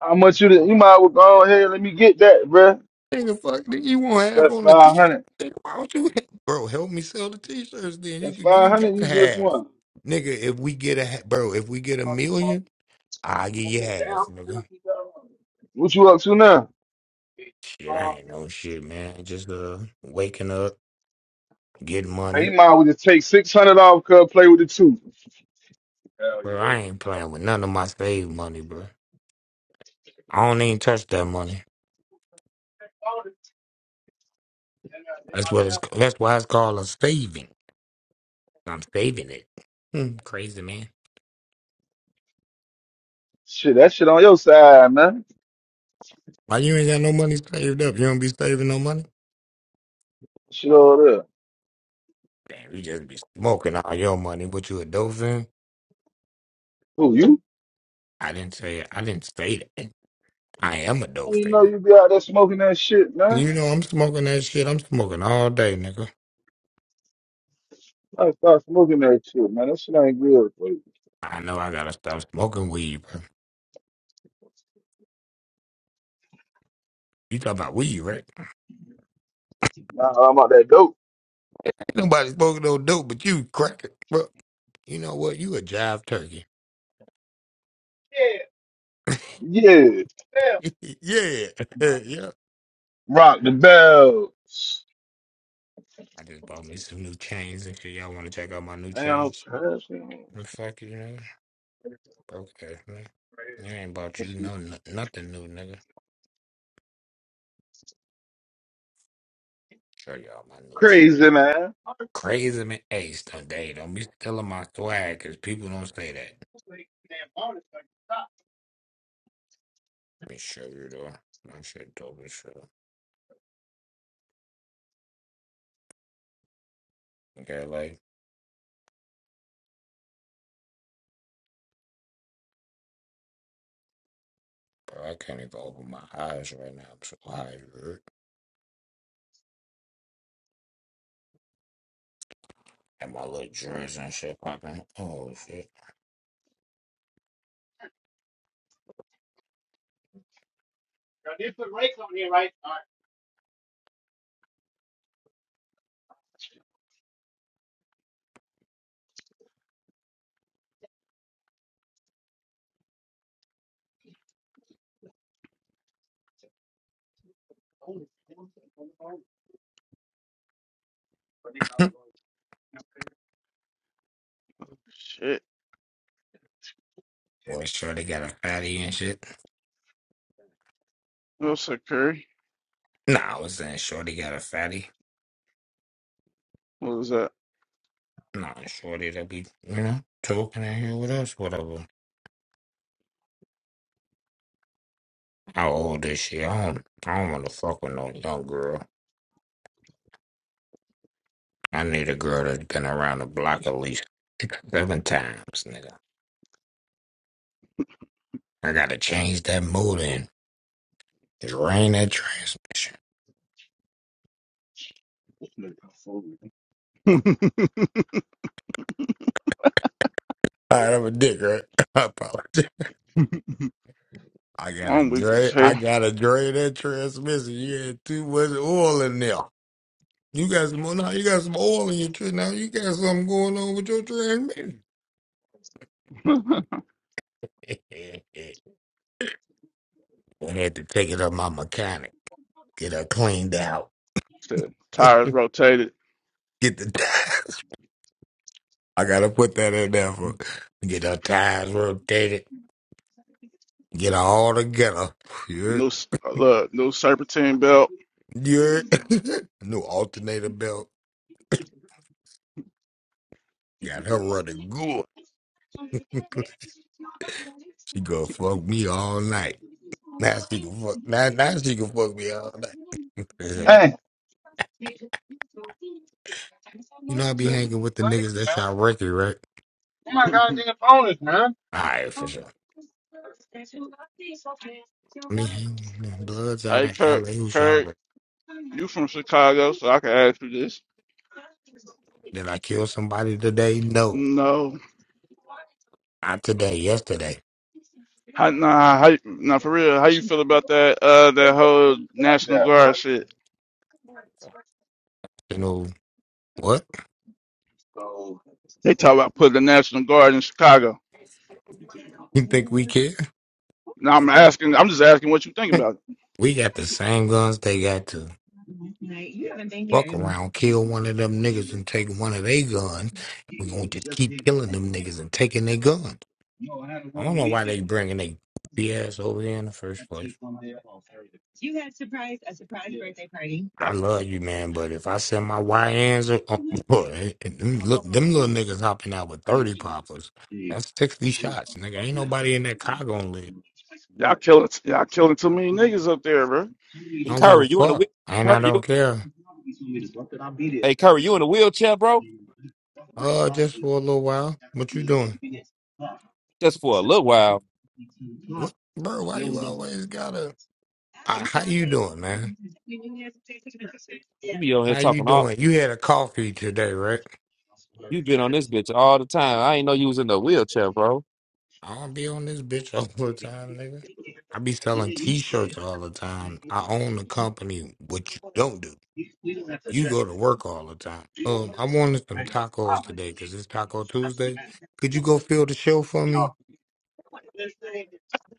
How much you? You might well go ahead. Let me get that, bruh.
Nigga, fuck, nigga, you won't have
That's
on the
five
t-shirt.
hundred.
Nigga, why don't you, have, bro? Help me sell the t-shirts. Then you
That's
could,
five
you got
hundred.
to
You just
have,
won.
nigga. If we get a ha- bro, if we get a million. I'll get your ass, nigga.
What you up to now?
Shit, I ain't no shit, man. Just uh waking up, getting
Now,
money.
you might well just take six hundred off. Cause play with the two. Hell
Bro,
yeah.
I ain't playing with none of my saved money, bro. I don't even touch that money. That's what it's that's why it's called a saving. I'm saving it. Hmm, crazy man.
Shit, that shit on your side, man.
Why you ain't got no money saved up? You don't be saving no money?
Shit over there.
Damn, you just be smoking all your money, but you a dolphin?
Who you?
I didn't say I didn't say that. I am a
I didn't know
dolphin.
you be out there smoking that shit, man.
You know I'm smoking that shit. I'm smoking all day, nigga.
I start smoking that shit, man. That shit ain't good for you.
I know I gotta stop smoking weed, bro. You talking about weed, right?
Nah, I'm out that dope.
Ain't nobody smoking no dope, but you cracking, bro. You know what? You a jive turkey.
Yeah.
yeah, yeah.
Rock the bell.
I just bought me some new chains and shit. Y'all want to check out my new
Man, I'm
chains?
trash, man.
Mm, Fuck you, nigga. Okay, man. I ain't bought you
This is
no no- nothing new, nigga. Show y'all my new chains.
crazy, man.
Crazy man, ace today. Don't be stealing my swag, cause people don't say that. Let me show you though. My shit dope as shit. Okay, like. Bro, I can't even open my eyes right now. I'm so high, dude. And my little dreads and shit popping. Oh, shit.
Shit,
Boy, Shorty got a fatty and shit.
what's up, Curry?
Nah, I was saying Shorty got a fatty.
What was that?
Nah, Shorty that be, you know, talking in here with us, whatever. How old is she? I don't, I don't want to fuck with no young girl. I need a girl that's been around the block at least six, seven times, nigga. I gotta change that mood and drain that transmission. All right, I'm a dick, right? I apologize. I got a
I'm weak as
great, I
hell.
got a great that transmission. You had too much oil in there. You got some now. You got some oil in your tree now. You got something going on with your transmission. I had to take it up my mechanic, get her cleaned out,
Shit,
get
Tires rotated.
the tires. I gotta put that in there for get her tires rotated, get her all together. Yeah,
New s- look, new serpentine belt.
yeah. New alternator belt. Got her running good. she gonna fuck me all night. Now she can fuck. Now, now she can fuck me all day.
Hey.
you know I be
Sitting.
hanging with the niggas that shot Ricky, right?
hey,
All right, for sure. Me hanging with them bloods out of
Kirk,
LA who shot
Kirk,
Ricky.
you from Chicago, so I can ask you this.
Did I kill somebody today? No,
No,
not today. Yesterday.
how, nah, how, nah, for real, how you feel about that, uh, that whole National Guard shit?
You know what?
So, almost
They talk about putting the National Guard in Chicago.
You think we care?
Now I'm asking, I'm just asking what you think about it.
we got the same guns they got to fuck around, kill one of them niggas and take one of their guns. We gonna just keep killing them niggas and taking their guns. I don't know why they bringing they ass over here in the first place. I
Y'all,
love you, man, but if I send my YNs, uh, boy, hey, and them, look, them little niggas hopping out with 30 poppers, that's 60 shots, nigga. Ain't nobody in that car gonna live.
y'all killing, y'all killing too many niggas up there, bro.
I
Hey,
don't give a
Curry, you in the
fuck.
wheel-
And I
Curry,
don't
you
care.
hey Curry, you in the wheelchair, bro?
Uh, just for a little while. What you doing?
Just for a little while.
What, bro, why you always gotta... Uh, how you doing, man?
You be on here
How you
talking all.
doing? You had a coffee today, right?
You been on this bitch all the time. I ain't know you was in the wheelchair, bro.
I don't be on this bitch all the time, nigga. I be selling t-shirts all the time. I own the company. What you don't do. you go to work all the time. Um, I wanted some tacos today because it's Taco Tuesday. Could you go fill the show for me?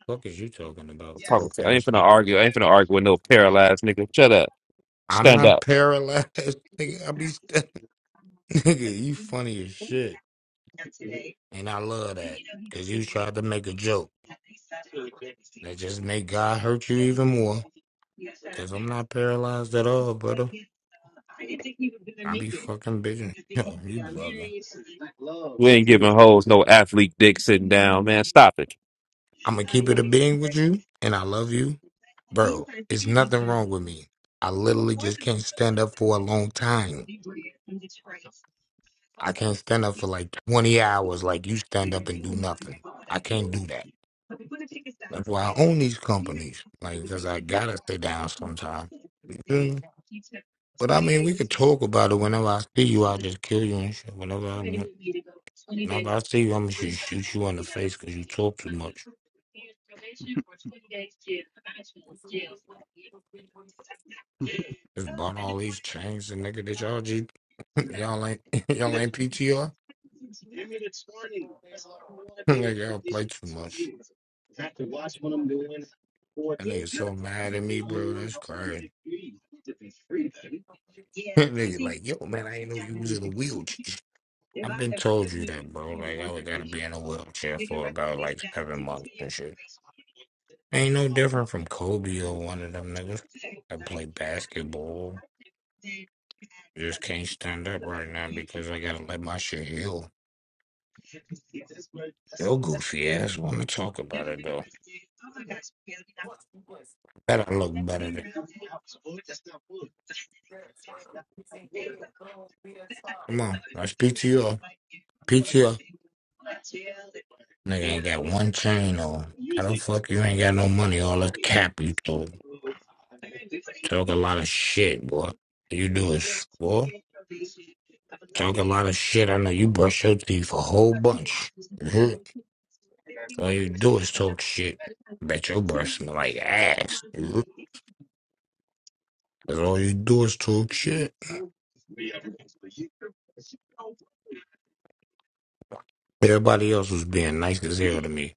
Fuck is you talking about,
I'm talking
broke
to. I ain't
ass?
finna
nigga?
argue. I ain't finna argue with no paralyzed nigga. Shut up.
I'm
Stand
not
up.
paralyzed, nigga. I be st- nigga. You funny as shit, and I love that because you tried to make a joke that just made God hurt you even more. Cause I'm not paralyzed at all, brother. I be fucking bitching. Yo, you bugging.
We ain't giving hoes no athlete dick sitting down, man. Stop it.
I'm gonna keep it a being with you, and I love you, bro. It's nothing wrong with me. I literally just can't stand up for a long time. I can't stand up for like 20 hours, like you stand up and do nothing. I can't do that. That's why I own these companies, like because I gotta stay down sometime. You feel me? But I mean, we could talk about it whenever I see you. I'll just kill you and shit. Whenever I want, whenever I see you, I'm gonna shoot shoot you in the face because you talk too much. Just bought all these chains and nigga that y'all G y'all ain't y'all ain't PTR. nigga, y'all play too much. That nigga so mad at me, bro. That's crazy. nigga like, yo man, I ain't know you was in a wheelchair. I've been told you that, bro. Like I was gotta be in a wheelchair for about like seven months and shit. Ain't no different from Kobe or one of them niggas. I play basketball. Just can't stand up right now because I gotta let my shit heal. Yo goofy ass wanna talk about it though. Better look better than. Come on, that's PTO. PTO. Nigga ain't got one chain on. How the fuck you ain't got no money? All that cap you talk. Talk a lot of shit, boy. You do is, boy, talk a lot of shit. I know you brush your teeth a whole bunch. You hear? All you do is talk shit. Bet your breath smell like ass. You hear? That's all you do is talk shit. Everybody else was being nice as hell to me.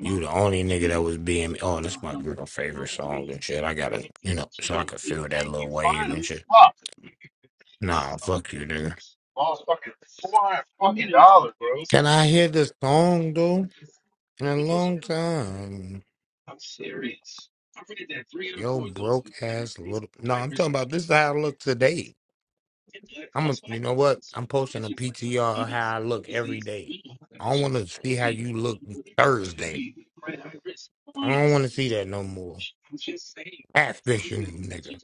You the only nigga that was being oh, this my girl favorite song and shit. I gotta you know, so I could feel that little wave and shit. Nah, fuck you, nigga. Can I hear this song dude? In a long time. Yo broke ass little No, I'm talking about this is how I look today. I'm a, you know what? I'm posting a PTR of how I look every day. I don't wanna see how you look Thursday. I don't wanna see that no more. Ass fishing nigga.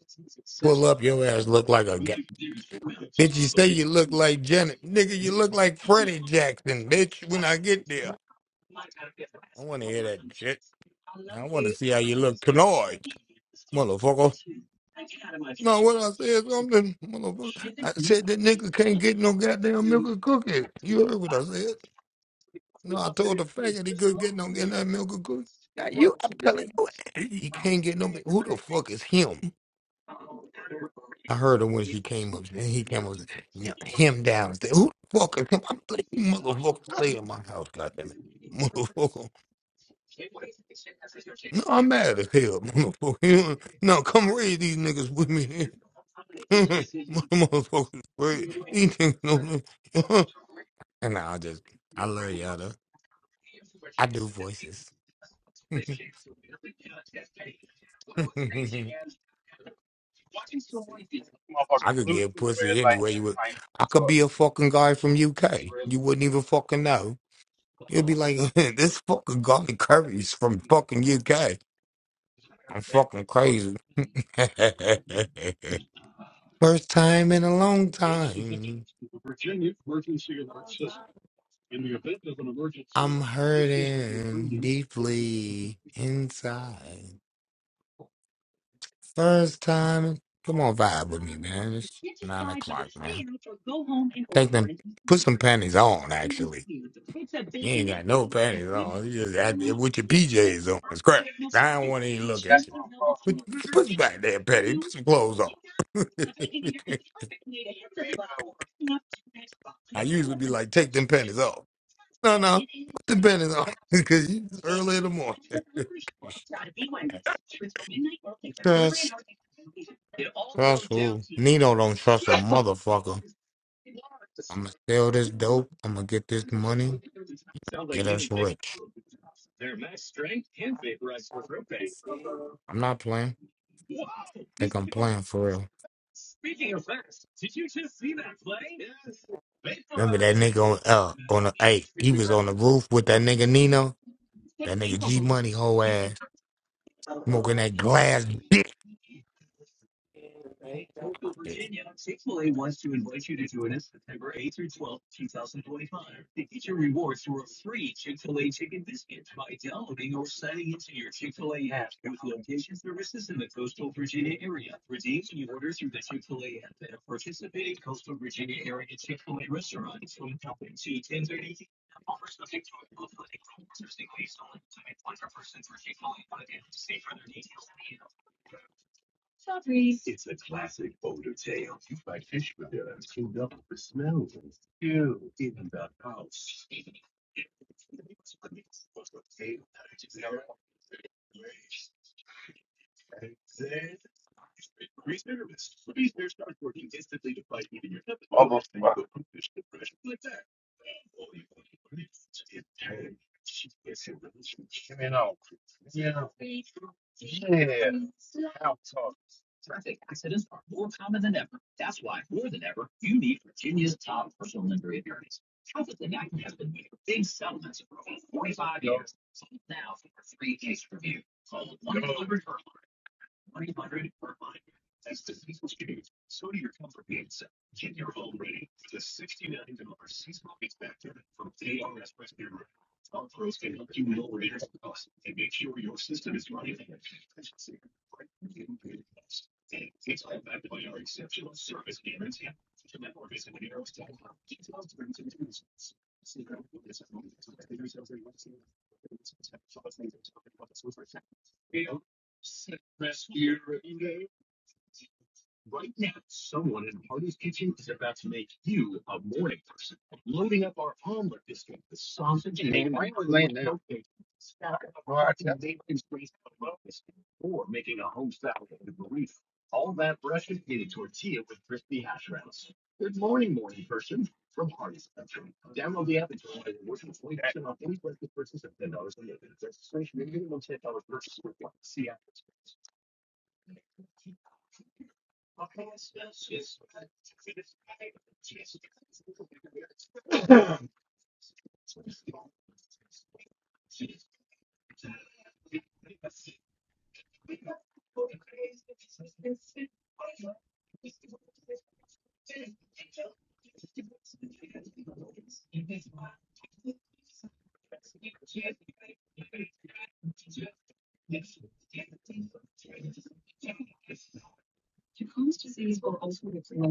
Pull up, your ass look like a guy. Bitch, you say you look like Janet. Nigga, you look like Freddie Jackson, bitch, when I get there. I want to hear that shit. I want to see how you look tonight, motherfucker. No, what I said something, motherfucker. I said that nigga can't get no goddamn milk or cookie. You heard what I said? No, I told the faggot he couldn't get no goddamn milk or cookie. Now you, I'm telling you, he can't get no. Who the fuck is him? I heard her when she came up, and he came up, you know, him downstairs. Who the fuck is him? I'm like, "You motherfucker, stay in my house, goddamn it, motherfucker. No, I'm mad as hell, motherfucker. You No, come raise these niggas with me, motherfuckers. Raise these niggas know this. And I just, I love y'all though. I do voices. I could get pussy anyway. You would, I could be a fucking guy from UK. You wouldn't even fucking know. You'll be like, this fucking garlic curry's from fucking UK. I'm fucking crazy. First time in a long time. I'm hurting deeply inside. First time. Come on, vibe with me, man. It's nine o'clock, man. Take them, put some panties on, actually. You ain't got no panties on. You just had with your PJs on. It's crap. I don't want to even look at you. Put, put some back there, panties. Put some clothes on. I usually be like, take them panties off. No, no, put them panties on because it's early in the morning. Trust, trust who? Nino don't trust a motherfucker. I'ma sell this dope. I'ma get this money. Get us rich. I'm not playing. Think I'm playing for real. Remember that nigga on uh on the hey, he was on the roof with that nigga Nino, that nigga G Money whole ass, smoking that glass dick. They
wow.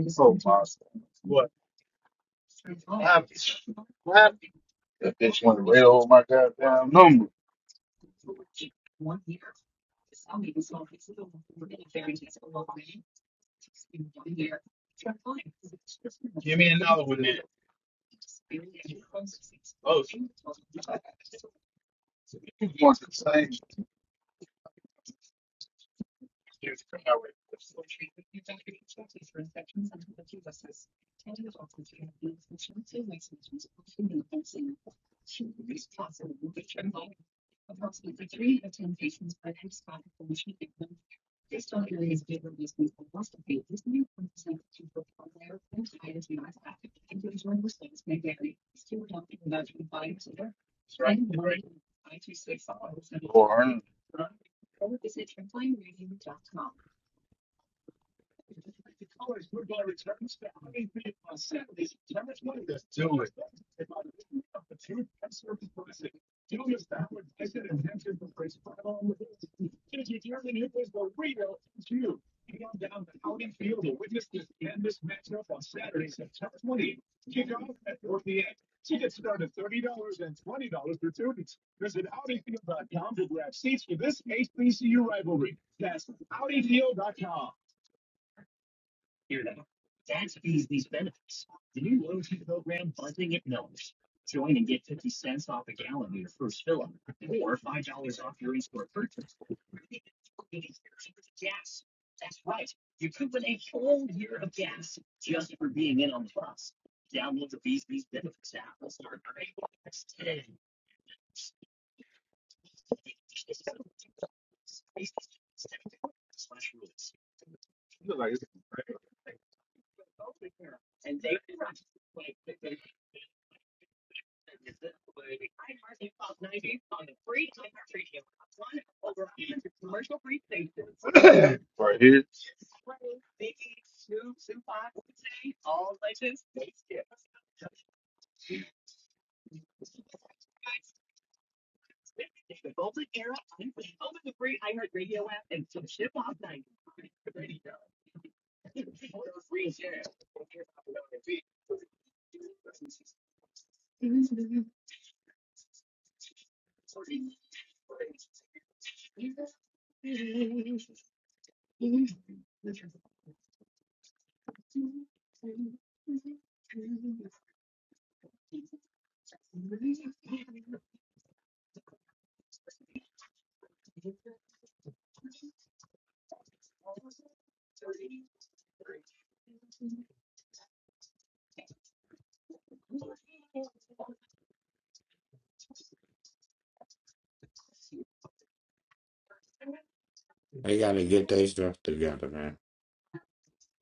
So possible. That bitch want to read over my goddamn number. Same. Or her- look like it's right here.
gotta get their stuff together, man.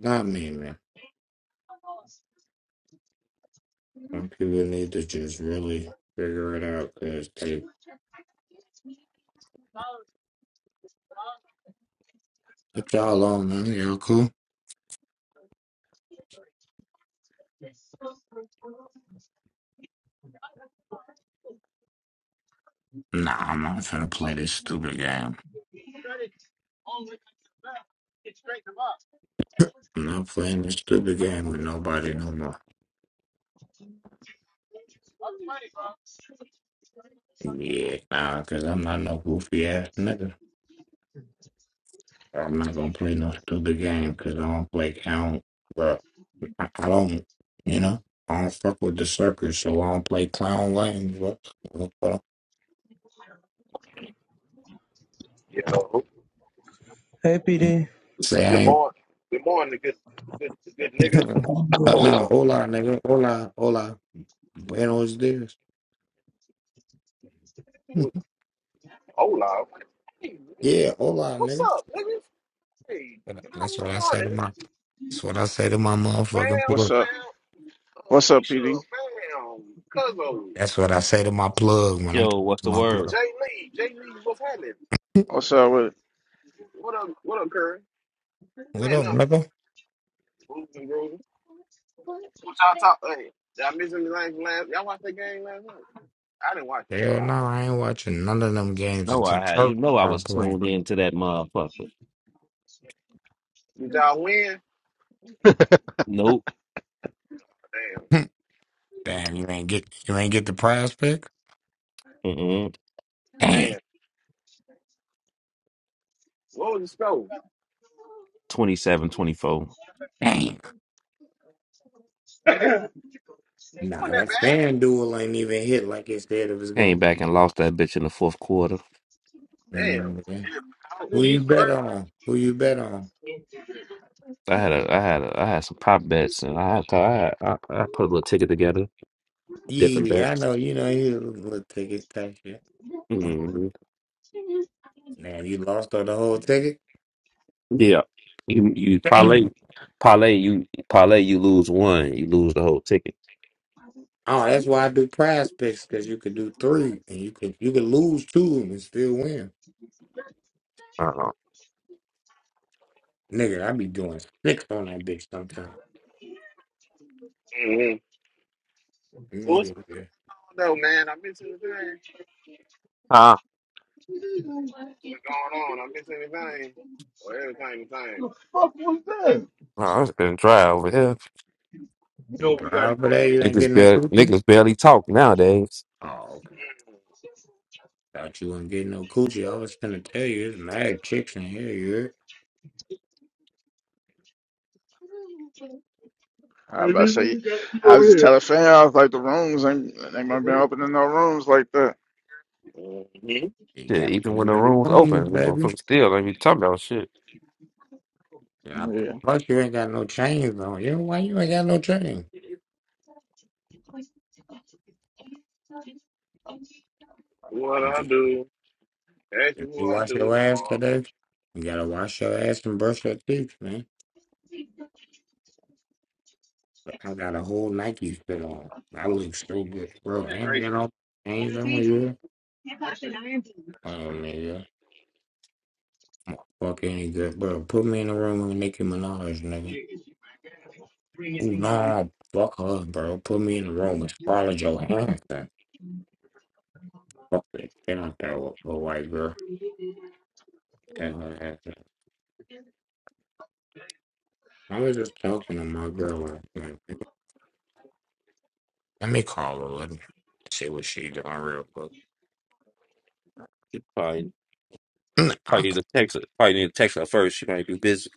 Not me, man. Some people need to just really figure it out because they what y'all on, man. Y'all cool? Nah, I'm not finna play this stupid game. I'm not playing this stupid game with nobody no more. Yeah, nah, cause I'm not no goofy ass nigga. I'm not gonna play no stupid game because I don't play. I don't. Look, I, I don't. You know, I don't fuck with the suckers, so I don't play clown games. What? what- what
You know,
Hey,
I'm-
PD.
Say
the
I ain't.
more the more the good the good, the good niggas
uh, nah, hola, nigga. Hola, hola. Buenos dias.
do hola. Hey,
yeah, hola,
what's
nigga.
up, niggas? Hey, good
That's what
mo-
I say
morning,
to my. That's what I say to my
fam,
motherfucking
What's
plug.
up?
fam, uh,
What's up,
Misha,
PD?
fam, Cuzzo,
That's what I say to my plug when I'm talking
Yo, what's
to
the
my
word?
Jay
plug.
Lee, Jay Lee, what's happening?
What's up with it?
What up, what up, Curry?
What
Man,
up,
I'm
nigga?
moving, and grooving. What y'all talk? Hey, did I miss anything from last? Y'all watch that game last night? I didn't watch that.
Hell
I,
no, I ain't watching none of them games
No,
until
I had.
Curry
You know I
start
was
playing.
tuned in to that motherfucker.
did y'all win?
Nope.
Damn,
Damn, you ain't get you ain't get the prize pick.
Mm-mm.
Damn,
man, what was the score?
27, twenty-four.
damn.
It
Nah,
wasn't
that fan duel ain't even hit like it said it was
Came
going.
back and lost that bitch in the fourth quarter.
that bad.
Mm,
Damn.
yeah. Who you bet on? Who you bet on?
I had a, I had a, I had some prop bets and I had, to, I, had I, I put a little ticket together, different
Yeah, I
bets.
know. You know he was a little ticket type shit.
hmm
Man, you lost on the whole ticket.
Yeah, you, you parlay,
Damn.
parlay, you parlay, you lose one, you lose the whole ticket.
Oh, that's why I do prize picks because you could do three and you could you could lose two of 'em and still win.
Uh-uh.
Nigga, I be doing six on that bitch sometimes.
Out. What's
Mm,
going
yeah.
on though, man? I miss anything?
Ah.
What's going on? I miss anything? Or everything the same?
Oh, it's been dry over here.
You drive for that, you ain't
Niggas
getting no
barely,
cookie.
niggas barely talk nowadays.
Oh. Thought you wouldn't get no coochie. I was gonna tell you, there's mad chicks in here. You heard?
I was about to say, I was just telling fam, I was like, the rooms ain't they might been opening no rooms like that.
hmm
You
Shit,
got
even
one
when
of
the
them
room's open,
rooms, baby.
motherfuckers still ain't be talking about shit.
Yeah.
Yeah.
Plus, you ain't got no chains on. You know why you ain't got no chains?
You
What
I'm
I
just.
do? Ask me
If you
who I
wash
do it
your ass
for.
today, you gotta wash your ass and brush your teeth, man. But I got a whole Nike fit on. I look so good, bro. And I got all chains on. You heard? Oh nigga, fucking good, bro. Put me in a room with Nicki Minaj, nigga. Nah, fuck her, bro. Put me in the room with Scarlett Johansson. Fuck it. Get out there with a white girl. Tell her that. I was just talking to my girl last night. Let me call her. Let me see what she doing real quick.
Probably,
Nah.
probably need to text her. Probably need to text her first. She might be busy.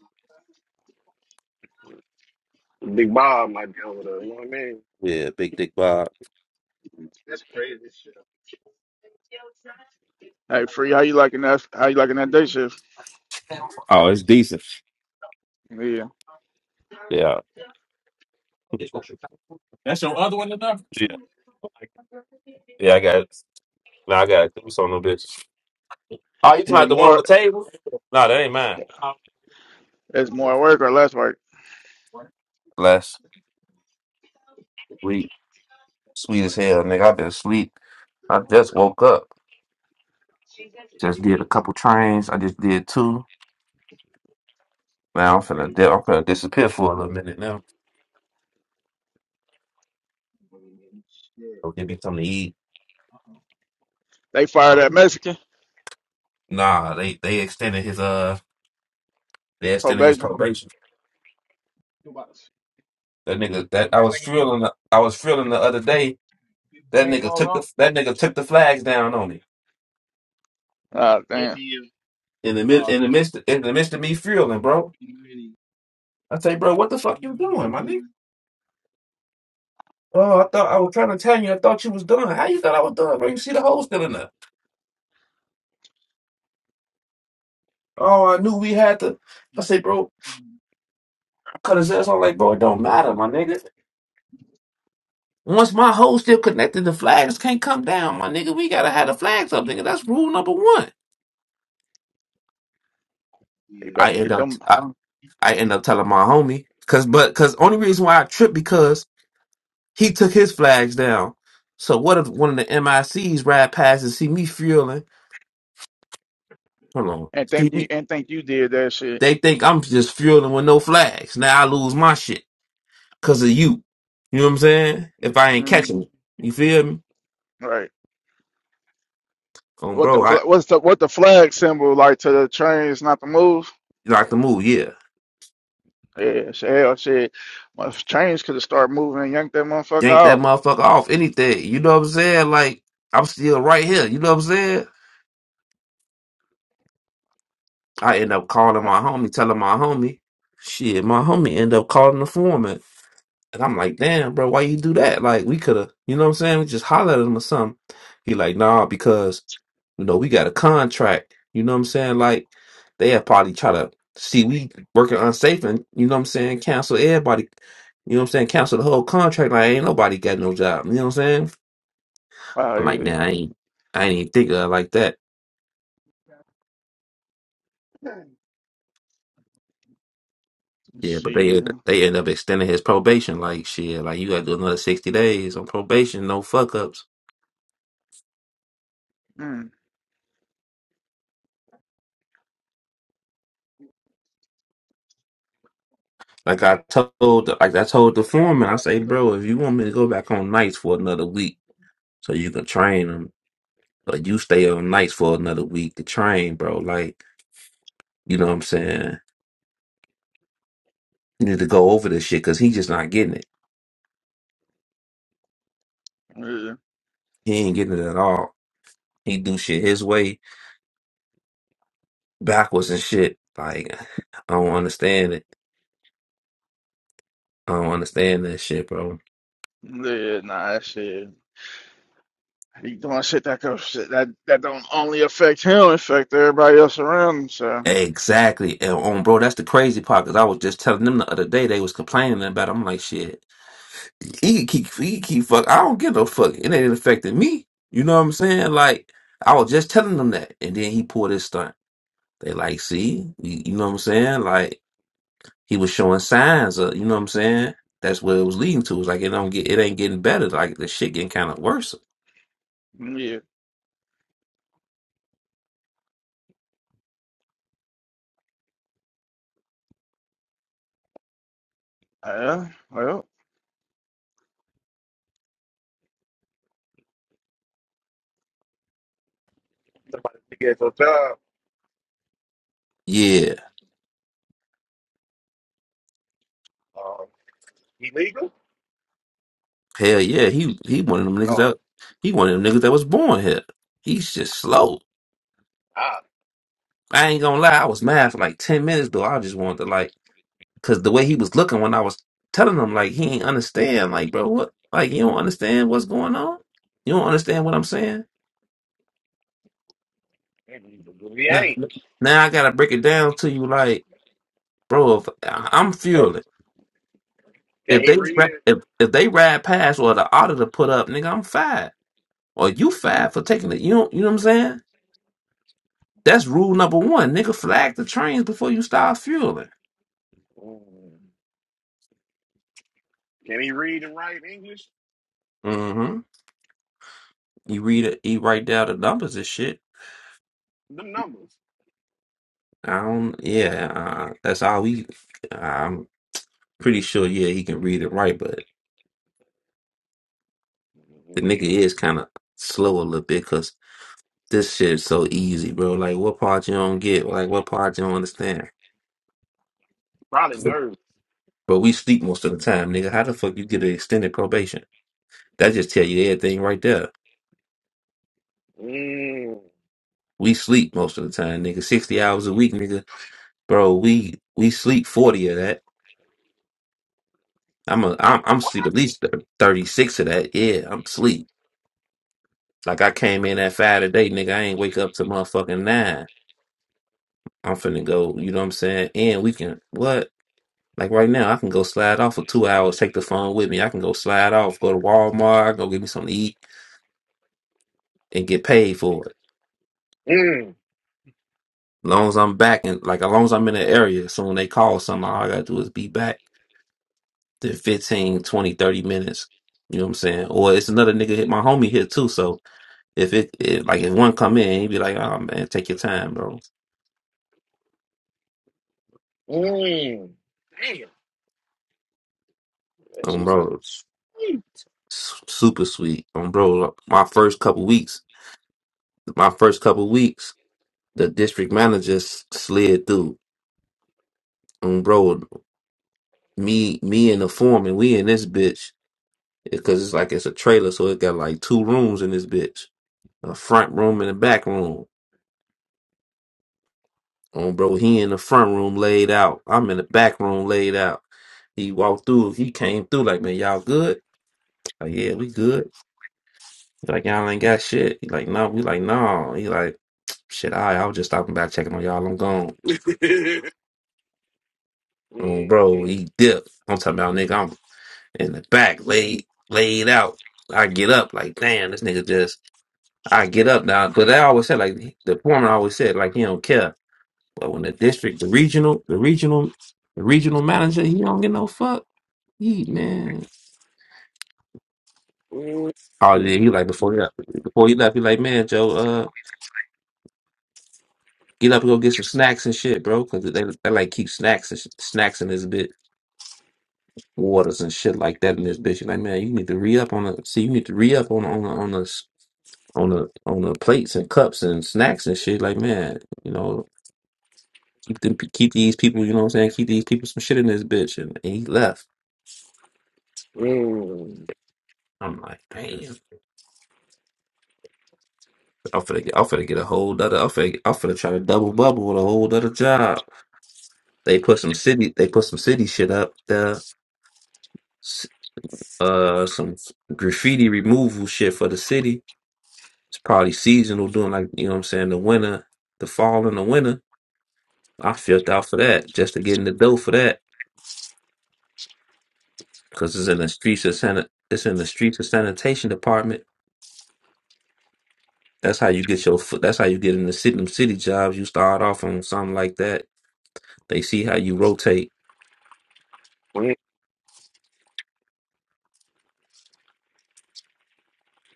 Big Bob might be over there. You know what I mean?
Yeah, big dick Bob.
Hey, free. How you liking that? How you liking that day shift?
Oh, it's decent.
Yeah.
Yeah, That's your other one enough? yeah, yeah. I got. it. Nah, I got two. do something, bitch. Oh, you talking
Is it
about the one on
more?
the table? Nah, that ain't mine.
It's more work or less work?
Last week, sweet as hell, nigga. I been asleep. I just woke up. Just did a couple trains. I just did two. Now I'm finna, di- I'm finna disappear for a little minute now. Go give me something to eat.
They fired that Mexican
Nah, they they extended his uh they extended his
probation.
probation. That nigga that I was feeling the- I was feeling the other day. That nigga took the that nigga took the flags down on me
Ah, damn.
in the mid in the midst in the midst of me feeling, bro. I say, bro, what the fuck you doing, my nigga? Oh, I thought I was trying to tell you. I thought you was done. How you thought I was done, bro? You see the hole still in there. Oh, I knew we had to. I say, bro. cut his ass. I'm like, bro, it don't matter, my nigga. Once my hoe still connected, the flags can't come down, my nigga. We gotta have the flags up, nigga. That's rule number one.
They about
I
to
Yeah.
end
get
up,
them.
I, I end up telling my homie, cause but cause only reason why I tripped because he took his flags down. So what if one of the MICs ride past and see me fueling? Hold on,
And
see
think you
me?
and think you did that shit.
They think I'm just fueling with no flags. Now I lose my shit cause of you. You know what I'm saying? If I ain't catching it, you feel me?
Right.
Oh,
What the
bro, I
fl- what's the what the flag symbol like to the trains not to move?
like the move, yeah.
Yeah, shit, hell shit. My trains could have started moving and yanked that motherfucker
yank that
off.
motherfucker off anything. You know what I'm saying? Like, I'm still right here. You know what I'm saying? I end up calling my homie, telling my homie. Shit, my homie end up calling the foreman. And I'm like, damn, bro, why you do that? Like, we could have, you know what I'm saying? We just hollered at him or something. He like, nah, because, you know, we got a contract. You know what I'm saying? Like, they had probably try to see we working unsafe and, you know what I'm saying, cancel everybody. You know what I'm saying? Cancel the whole contract. Like, ain't nobody got no job. You know what I'm saying?
Wow,
I'm like,
yeah.
nah, I ain't, I ain't even think of it like that.
Let's
Yeah, but they
See,
end-
yeah.
they end up extending his probation. Like shit, like you got to do another sixty days on probation. No fuck ups.
mm,
Like I told, like I told the foreman, I say, bro, if you want me to go back on nights for another week, so you can train them, or you stay on nights for another week to train, bro. Like you know what I'm saying? You need to go over this shit because he just not getting it.
yeah,
He ain't getting it at all. He do shit his way backwards and shit. Like I don't understand it. I don't understand that shit, bro.
yeah, nah, that shit. He doing shit that could shit that that don't only affect him, affect everybody else around him. So
Exactly. And on bro, that's the crazy part because I was just telling them the other day they was complaining about. it. I'm like, shit, he can keep he can keep fuck. I don't give no fuck. It ain't affecting me. You know what I'm saying? Like I was just telling them that, and then he pulled his stunt. They like, see, you, you know what I'm saying? Like he was showing signs of, you know what I'm saying? That's what it was leading to. It's like it don't get, it ain't getting better. Like the shit getting kind of worse.
yeah, yeah. Well,
Somebody to get some job.
Yeah.
Uh, illegal?
Hell yeah, he he one of them niggas
Oh,
that he one of them niggas that was born here. He's just slow.
ah,
I ain't gonna lie, I was mad for like ten minutes though. I just wanted to like, cause the way he was looking when I was telling him like he ain't understand. Like, bro, what? Like you don't understand what's going on? You don't understand what I'm saying?
he
Now,
ain't.
now I gotta break it down to you. Like, bro, if I- I'm
Can
fueling.
can
If
he
they
read
ra-
it?
if if they ride past or the auditor put up, nigga, I'm fired. Or you fired for taking it. You don't, you know what I'm saying? That's rule number one, nigga. Flag the trains before you start fueling.
Mm. Can he read and write English?
hmm You read it, you write down the numbers and shit.
The numbers.
I don't. Yeah, uh, that's all we. I'm pretty sure. Yeah, he can read and write, but the nigga is kind of slow a little bit because this shit's so easy, bro. Like, what part you don't get? Like, what part you don't understand?
Probably nervous.
But we sleep most of the time, nigga. How the fuck you get an extended probation? That just tell you everything right there.
Mm.
We sleep most of the time, nigga. Sixty hours a week, nigga. bro. We we sleep forty of that. I'm a I'm I'm sleep at
What?
least thirty six of that. Yeah, I'm sleep. Like I came in at five today, nigga. I ain't wake up to motherfucking nine. I'm finna go. You know what I'm saying? And we can what? Like right now, I can go slide off for two hours. Take the phone with me. I can go slide off. Go to Walmart. Go get me something to eat and get paid for it. long as I'm back and like as long as I'm in the area. So when they call something, all I gotta do is be back. Then 15, 20, 30 minutes. You know what I'm saying? Or it's another nigga hit my homie here too. So If it, it like if one come in, he'd be like, "Oh man, take your time, bro."
Mm. Damn, that
Um,
shit's like
bro,
sweet.
s- super sweet. Um, bro, my first couple weeks, my first couple weeks, the district manager s- slid through. Um, bro, me, me and the foreman, we in this bitch because it's like it's a trailer, so it got like two rooms in this bitch, a front room and a back room. Um, bro, he in the front room laid out. I'm in the back room laid out. He walked through. He came through like, man, y'all good? Like, yeah, we good. He's like, y'all ain't got shit. He like, no. We like, no. He like, shit, all right, I was just stopping by checking on y'all. I'm gone. Um,
mm,
bro,
mm,
he dipped. I'm talking about nigga, I'm in the back, laid laid out. I get up, like, damn, this nigga just I get up now. But I always said like the foreman always said, like, he don't care. But when the district, the regional, the regional, the regional manager, he don't get no fuck. He man.
mm,
Oh yeah, he like before he left before he left, he like, man, Joe, Uh. Get up and go get some snacks and shit, bro. Cause they, they like keep snacks and sh- snacks in this bit, waters and shit like that in this bitch. You're like, man, you need to re up on the see, you need to re up on on the- on the s- on the on the plates and cups and snacks and shit. Like, man, you know, keep them keep these people. You know what I'm saying? Keep these people some shit in this bitch. And, and he left.
mm,
I'm like, damn. I'm finna get, I'm finna get a whole other. I'm finna, I'm finna try to double bubble with a whole other job. They put some city. They put some city shit up there uh some graffiti removal shit for the city. It's probably seasonal during like you know what I'm saying the winter, the fall and the winter. I filled out for that just to get in the dough for that because it's in the streets of san it's in the streets of sanitation department. That's how you get your foot. That's how you get in the city. Them city jobs. You start off on something like that. They see how you rotate.
mm.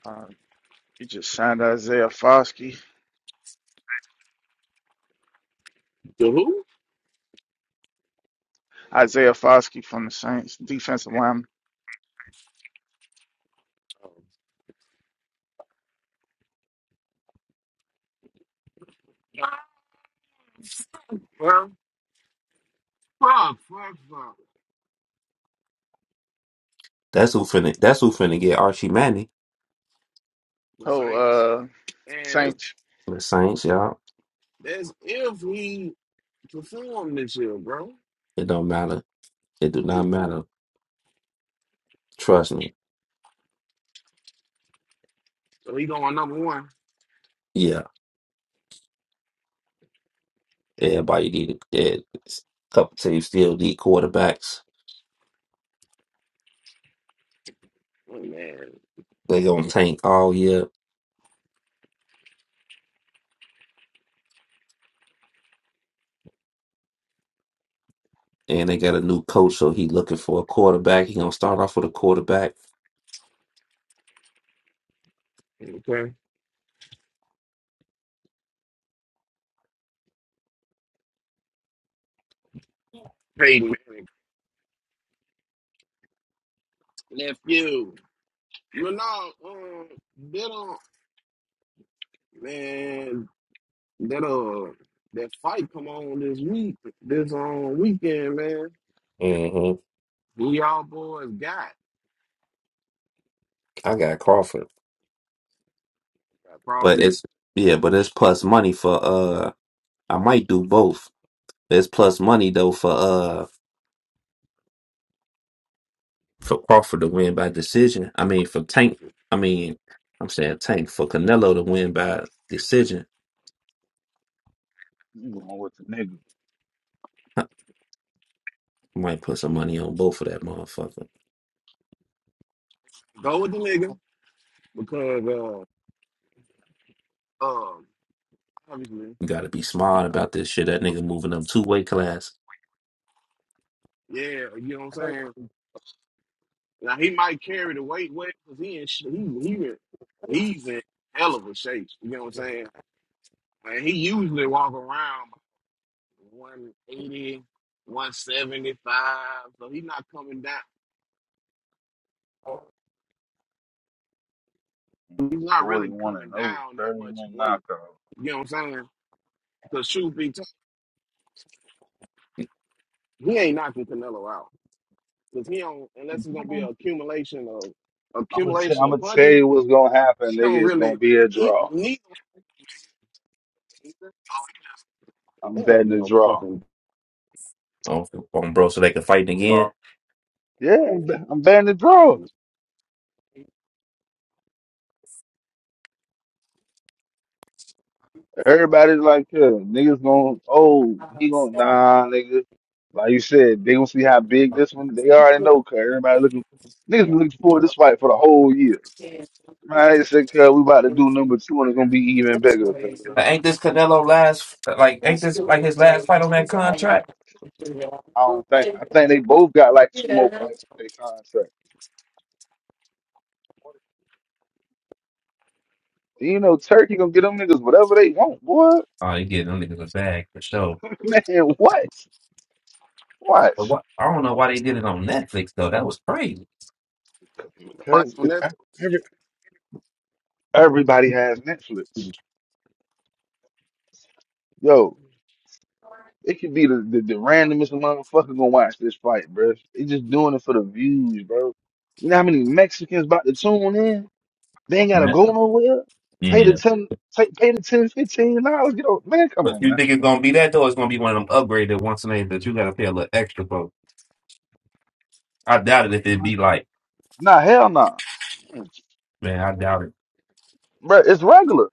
uh, you just signed Isaiah Foskey,
The who?
Isaiah Foskey from the Saints, defensive lineman.
Well, fuck, fuck, fuck.
That's who finna. That's who finna get Archie Manning.
The
Oh,
Saints.
uh,
And it's
Saints.
The Saints, y'all.
that's if we perform this year, bro.
It don't matter. It do not matter. Trust me.
So he going number one.
Yeah. Yeah, Everybody need a couple teams still need quarterbacks.
Oh, man.
They gonna tank all year, and they got a new coach, so he looking for a quarterback. He gonna start off with a quarterback.
Okay. Peyton Manning. Nephew. You know, um, bit on man. that uh that fight come on this week, this um weekend, man.
hmm
Who y'all boys got?
I got Crawford,
I
but
probably
it's yeah, but it's plus money for uh. I might do both. It's plus money though for uh for Crawford to win by decision. I mean for Tank. I mean I'm saying Tank for Canelo to win by decision.
You going with the nigga.
I might put some money on both of that motherfucker.
go with the nigga because uh um obviously
You gotta be smart about this shit. That nigga moving up two weight class
yeah you know what I'm saying. Now he might carry the weight well because he in sh- he he in- he's in hell of a shape. You know what I'm saying. And he usually walk around one eighty, one seventy five, so he's not coming down. He's not really
41 and
coming
0,
down that much in weight.
knockout.
You know what I'm saying? Because truth be told, he ain't knocking Canelo out. Because he don't unless it's gonna be an accumulation of
I'm gonna, t-
accumulation
I'm
of
gonna tell
punches,
you what's gonna happen,
he don't
nigga. It's
really
gonna be a
he,
draw.
neither
I'm
there ain't gonna
betting
be
the
no
draw.
fucking
on, on bro so they can fight
uh,
again.
Yeah, I'm, bet- I'm betting the draw. Everybody's like, yeah, niggas gonna, oh, he gonna, nah, nigga. Like you said, they gonna see how big this one, they already know, cuz everybody looking, niggas been looking forward to this fight for the whole year.
Yeah,
Man, I said, cuz we about to do
crazy.
number two and it's gonna be even
That's
bigger, cuz.
crazy.
But ain't this Canelo last like ain't
That's
this like
stupid
his last fight
crazy.
on
I'm
that
sorry. I can't
contract?
do that.
I don't think, I
I'm
think they both got like two more fights in their contract. You know, Turkey gonna get them niggas whatever they want, boy.
Oh, they getting them niggas a bag for sure.
Man, what? What?
But what I don't know why they did it on Netflix though. That was crazy.
fight
Because
on
it,
this.
every, everybody has Netflix. Yo, it could be the, the, the randomest motherfucker gonna watch this fight, bro. They just doing it for the views, bro. You know how many Mexicans about to tune in? They ain't gotta
Net-
go nowhere. Pay the
Yeah.
ten, take, pay the ten, fifteen dollars. Get on, man. Come
But
on,
you
man.
think it's gonna be that though? It's gonna be one of them upgraded once a name that you gotta pay a little extra for. I doubt it if it'd be like,
Nah, hell nah,
man, I doubt it.
bro. It's regular,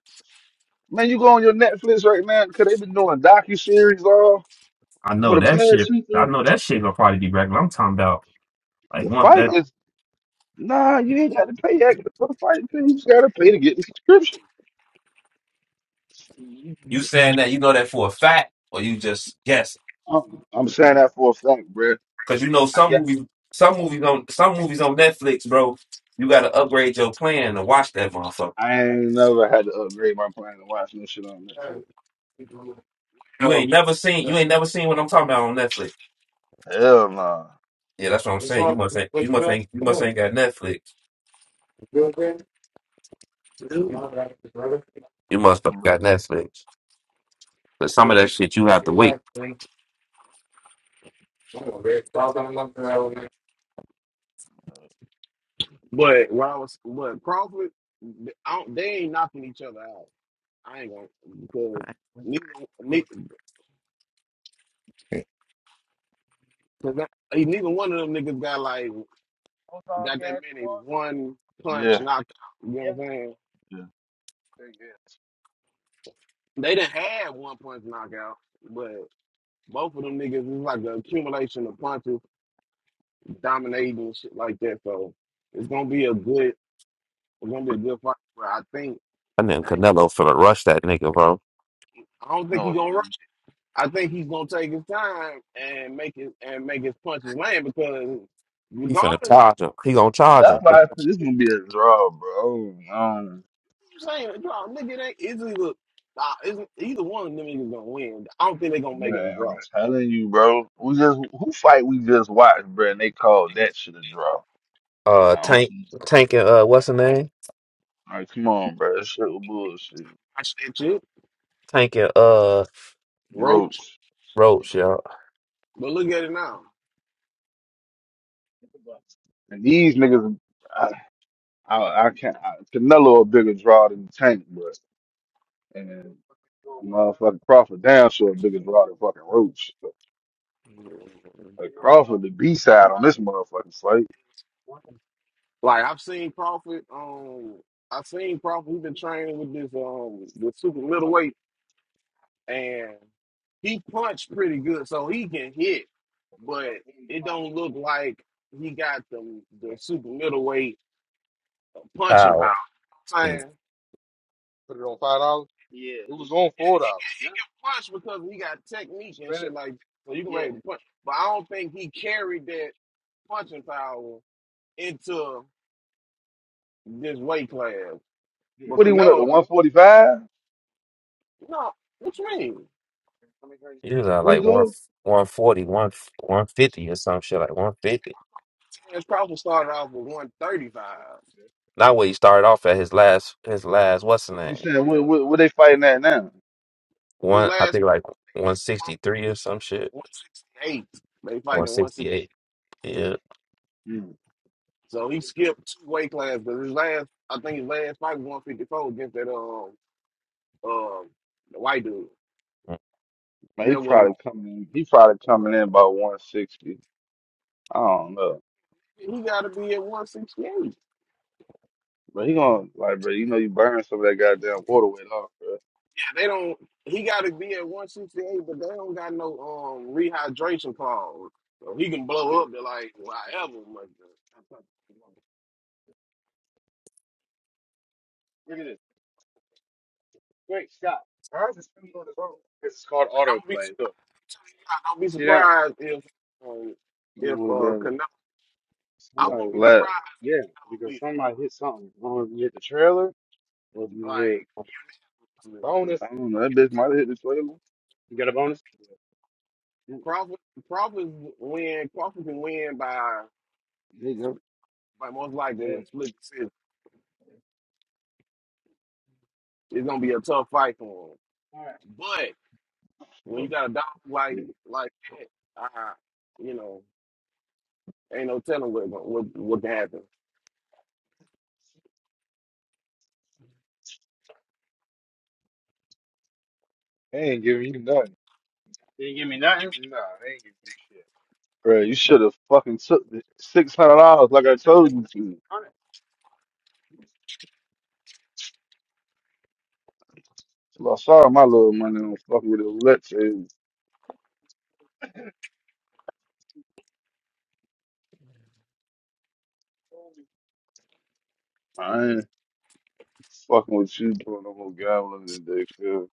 man. You go on your Netflix right now because they been doing docu series all
I
for
know
the
that
past
shit.
two,
I
three.
know that shit gonna probably be regular. I'm talking about like
The fight
one.
is nah. You ain't gotta pay extra for the fight. Man. You just gotta pay to get the subscription.
You saying that you know that for a fact, or you just guessing?
I'm, I'm saying that for a fact, bro.
Because you know some movies, some movies on some movies on Netflix, bro. You got to upgrade your plan to watch that motherfucker.
I ain't never had to upgrade my plan to watch no shit on Netflix.
crazy.
You
So,
ain't never seen. You ain't never seen what I'm talking about on Netflix.
Hell nah.
Yeah, that's what I'm
What's
saying. You
wrong?
must ain't. You
Which
must
girl?
ain't. You
Come
must
on.
ain't got Netflix.
Your No, that's the brother.
You must have
Bruh,
got Netflix. But some of that
bro.
shit you
And
have to
she
wait.
left, man. I'm a red dog on my girl, man.
but when I was but Crawford, I don't, they ain't knocking each other out. I ain't gonna because neither neither, cause that, eh, neither one of them niggas got like got that many one punch
Yeah,
knockout. You know what I'm saying?
yeah.
They done had one punch knockout, but both of them niggas is like the accumulation of punches, dominating and shit like that. So it's gonna be a good, it's gonna be a good fight. But I think,
I named
I ain't-
Canelo finna rush that nigga, bro.
I don't think
No,
he's
yeah.
gonna rush. I think he's gonna take his time and make his and make his punches land because
He finna
regardless,
charge him. He gonna charge him.
That's why I said this gonna be a draw, bro. Um,
you saying draw, nigga, they it's either nah, it's, either one of them niggas gonna win. I don't think they're gonna make it a
bruh,
draw.
I'm telling you, bro. We just who fight we just watched, bro, and they called that shit a draw.
Uh,
Like, I don't
Tank,
see.
Tank, and uh, what's the name?
Like, come on, bro. That shit was bullshit.
I said shit,
Tank and uh,
Roach,
Roach.
Roach, yo.
but look at it now.
And these niggas, I, I, I can't. I, Canelo a bigger draw than Tank, but and motherfucking Crawford down sure a bigger draw than fucking Roach. Hey, Crawford, the B side on this motherfucking fight.
Like I've seen Crawford, um, I've seen Crawford. He's been training with this um with super middleweight, and he punched pretty good, so he can hit, but it don't look like he got the the super middleweight punching
Power.
power. I'm
Yeah.
saying punch because he got technique and shit like that, so you can be able to punch, but I don't think he carried that punching power into this weight class. But
What he went up to
Canelo,
one forty five?
no, what you mean?
He was at
What he
like one,
go?
one forty, 150 or some shit, like 150.
His probably started off with 135.
Not what he started off at his last his last what's the
You
name?
saying what, what? What they fighting at now?
His
One I
last
think like one sixty three or
150
some shit.
168. They fight
One
in
sixty
160.
eight. Yeah.
Hmm.
So he skipped two weight classes because his last, I think his last fight was 154 against that um um the white dude. That
Man, he
was
probably coming. in- He probably coming in about one sixty. I don't know,
he got to be at 168. Yeah,
but he gonna like, bro. You know, you burn some of that goddamn water weight off, bro.
they don't. He got to be at 168, but they don't got no um rehydration clause, so he can blow up to like whatever. But don't be don't be surprised if um, if uh, Canelo I wouldn't
Like,
be
flat.
surprised. I don't like
bonus. I don't know. That bitch might have hit the trailer. But,
Crawford. Crawford win. Crawford can win by by most likely a split decision. It's gonna be a tough fight for him. But when you got a dog like like that, uh, you know, ain't no telling what what what can happen.
Bro, you should have fucking took the six hundred dollars like I told you to. So I saw my little money on fucking with the roulette table. I ain't fucking with you doing no more gambling today, cuz.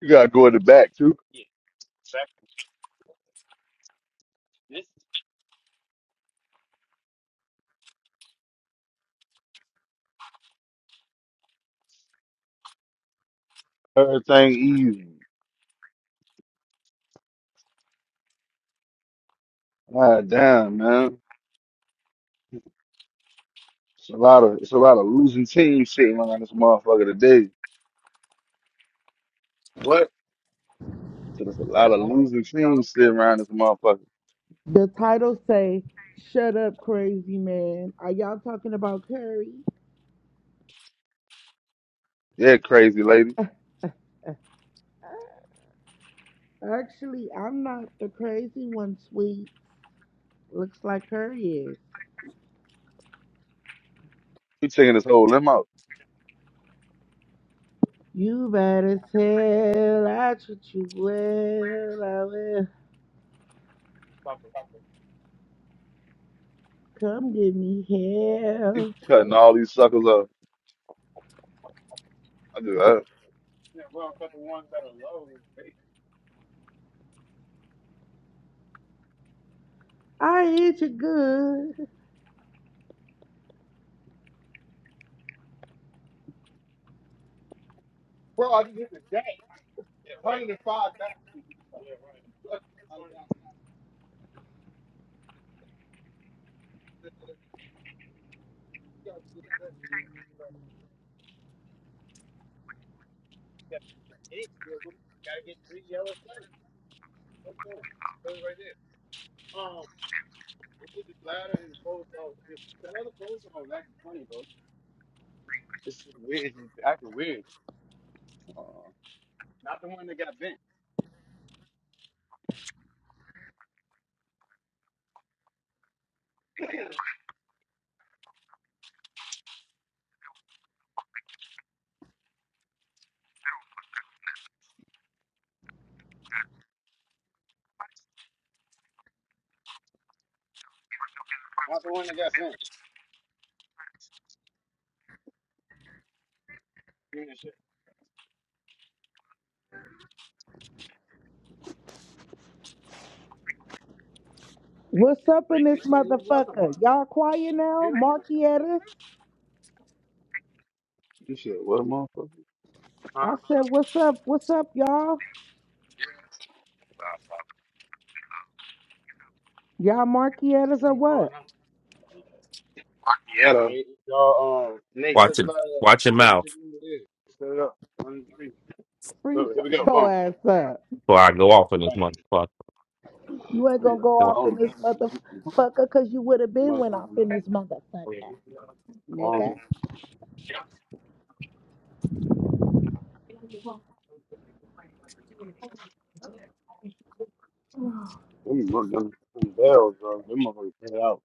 You gotta go in the back too. Everything easy. God damn, man. It's a lot of it's a lot of losing teams sitting around this motherfucker today.
What
So there's a lot of losing teams sitting around this motherfucker.
The title say, "Shut up, crazy man." Are y'all talking about Curry?
Yeah, crazy lady.
Actually, I'm not the crazy one, sweet. Looks like Curry is.
You taking this whole limb out.
You better tell I treat you well. I will. Come give me
You
hell.
cutting all these suckers up. I do that.
I hit you good.
Uh,
What's up in this motherfucker? Y'all quiet now? Marky at us?
you shit, what motherfucker?
I said, what's up? What's up, y'all? Y'all marky at us or what?
Marietta,
Watch it watch your mouth
Set it up.
Free
So here we
shut
go.
your
Boom.
ass up.
before I go off on this motherfucker.
You ain't gonna go off in this motherfucker because you would have been went off in this motherfucker,
Bonus.
nigga.
Them, mo- them, them bells, bro. Them motherfuckers paid out.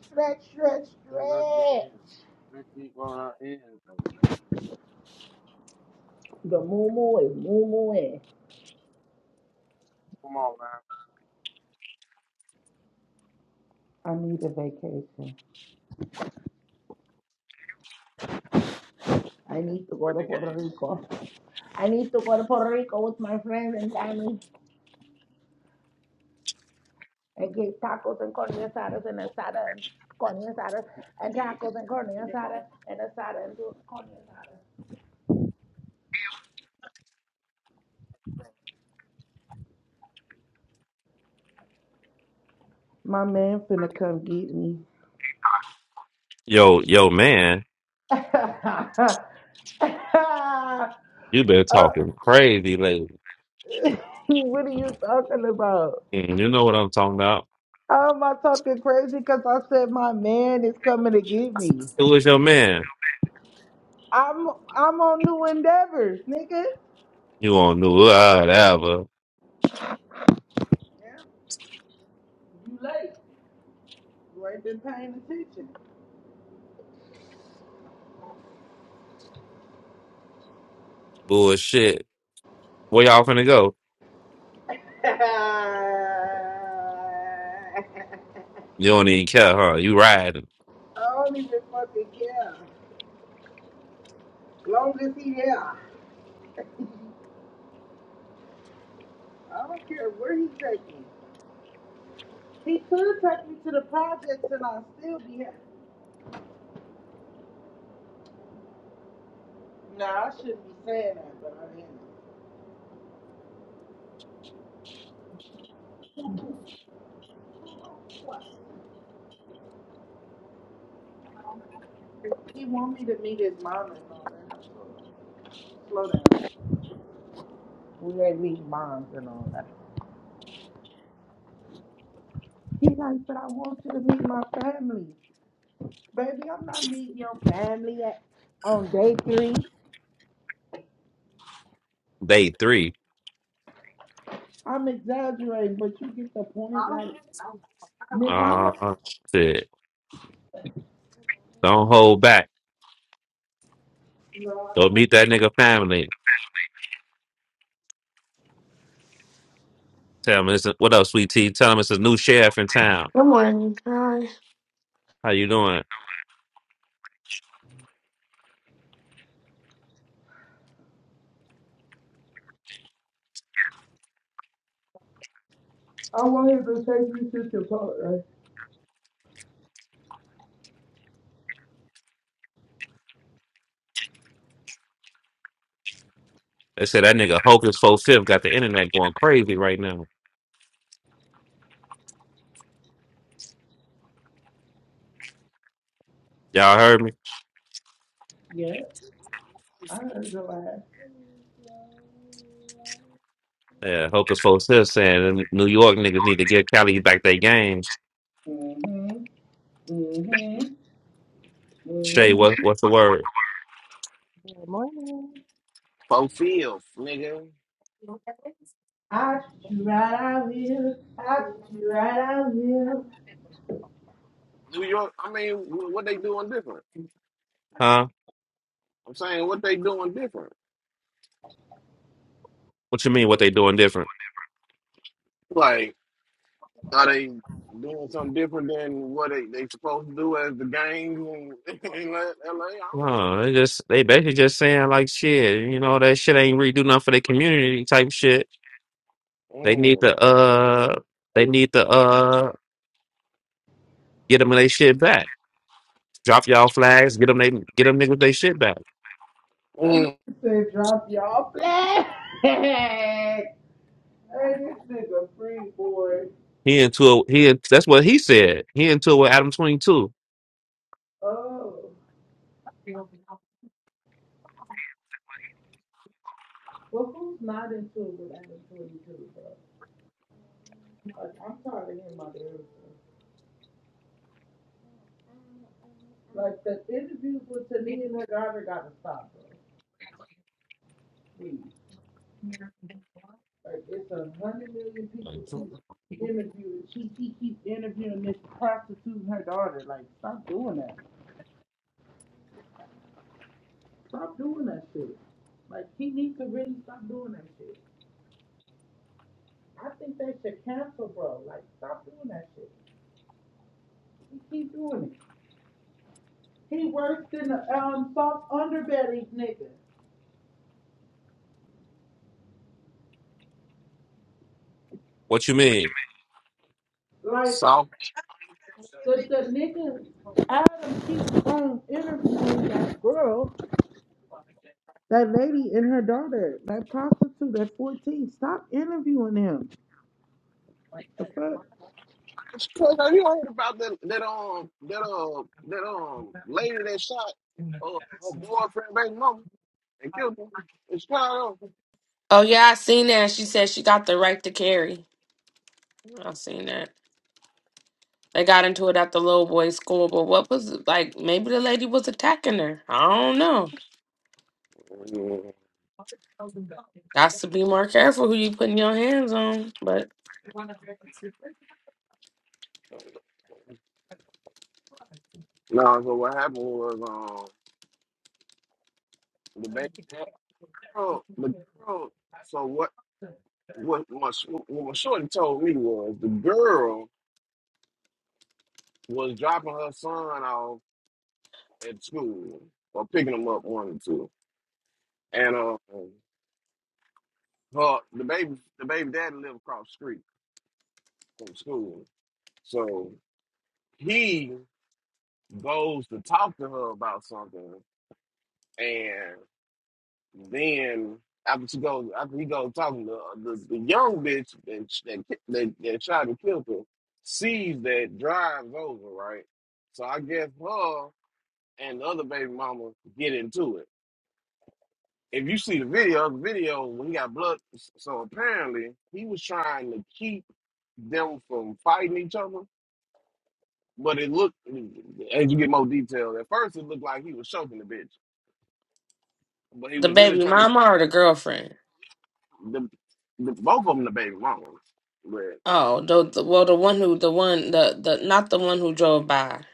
Stretch, stretch, stretch. The moo moo is moo moo is. I need a vacation. I need to go to Puerto Rico with my friends and family and get tacos and carne asadas and asada and carne asada and tacos and carne asada and asada and do carne asada. My man finna come get me.
Yo, yo man, you been
Uh,
talking crazy lately.
what are you talking about?
Mm, You know what I'm talking about.
I'm my talking crazy because I said my man is coming to get me.
Who is your man?
I'm I'm on new endeavors, nigga.
You on do whatever
Yeah, you late. You ain't been paying attention.
bullshit. Where y'all finna go?
I
You don't even care, huh? You riding
don't even fucking care. Long as he here, I don't care where he take me. He could take me to the projects and I'll still be here. Nah, I shouldn't be saying that, but I am. What? He want me to meet his mom and all that. Slow down. We ain't meeting moms and all that. He like, but I want you to meet my family. Baby, I'm not meeting your family at, on day three.
day three.
I'm exaggerating, but you get the point. Like, nigga, I'm
Uh
not.
shit. Don't hold back.
No,
Go meet
I,
that nigga family. Tell him it's a, what up, sweet tea. Tell him it's a new sheriff in town.
Good morning, John.
How you doing?
I want him to take me to Chipotle.
They said that nigga Hocus Focus Fifth got the internet going crazy right now. Y'all heard me?
Yeah, I heard your ass.
Yeah, Hocus Focus Fifth saying them New York niggas need to get Cali back their games.
Mm-hmm, mm-hmm,
Shay,
mm-hmm.
what what's the word?
Good morning.
four Fields, nigga,
I treat you right, I will. I treat you right, I will.
New York. I mean, wh- what they doing different?
Huh?
I'm saying what they doing different.
What you mean? What they doing different?
Like, Are they doing something different than what they they supposed to do as the gangs in, in L- LA? I don't know.
Oh, they just they basically just saying like shit, you know, that shit ain't really do nothing for the community type shit. They need
Mm,
to uh they need to uh get them their shit back. Drop y'all flags, get them they get them niggas their shit back.
That
mm.
nigga said drop y'all flat. Hey, this nigga free, boy.
He into a, he in- that's what he said. He into it with Adam 22.
Oh, well, who's not in tune with Anna Twenty Two, bro? Like, I'm tired of hearing about the everything. Like, the interviews with Tania and her daughter gotta stop, bro. Please. Like, it's a hundred million people to interview. She she keep interviewing this prostitute and her daughter. Like, stop doing that. Stop doing that shit. Like, he needs to really stop doing that shit. I think they should cancel, bro. Like, stop doing that shit. He keep doing it. He works in the um soft underbelly, nigga.
What you mean?
Like
So,
the the nigga Adam keeps on interviewing that girl, that lady and her daughter, that prostitute at fourteen. Stop interviewing him. The fuck?
Cuz, have you heard about that that um that uh that um lady that shot uh, her boyfriend baby mama and killed him in Chicago?
Oh yeah, I seen that. She said she got the right to carry. I seen that. They got into it at the little boy's school, but what was it like? Maybe the lady was attacking her. I don't know.
Mm.
Got to be more careful who you putting your hands on. But
No, so what happened was um the baby that girl the girl so what what my sh- what my shorty told me was the girl was dropping her son off at school or picking him up one or two. And uh, her the baby the baby daddy lived across the street from school. So he goes to talk to her about something and then after she goes after he goes talking to her, the, the young bitch that, that, ki- that, that shot and killed her sees that drives over, right? So I guess her and the other baby mama get into it. if you see the video, the video when he got blood. So apparently he was trying to keep them from fighting each other, but it looked as you get more detail. At first, it looked like he was choking the bitch, but he
the
was really
baby
trying to
mama or the girlfriend?
the, the both of them the baby mamas. But
Oh, the, the well, the one who, the one, the the not the one who drove by.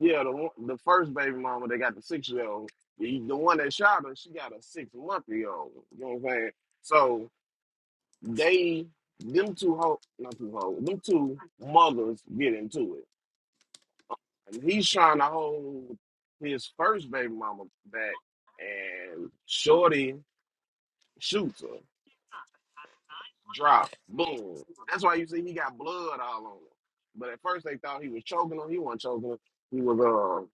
yeah, the one- the first baby mama they got the six year old. The, the one that shot her, she got a six month year old. You know what I'm saying? So they them two ho not two ho them two mothers get into it. And he's trying to hold his first baby mama back, and Shorty shoots her, drop, boom. That's why you see he got blood all on him. But at first they thought he was choking her. He wasn't choking her. He was uh,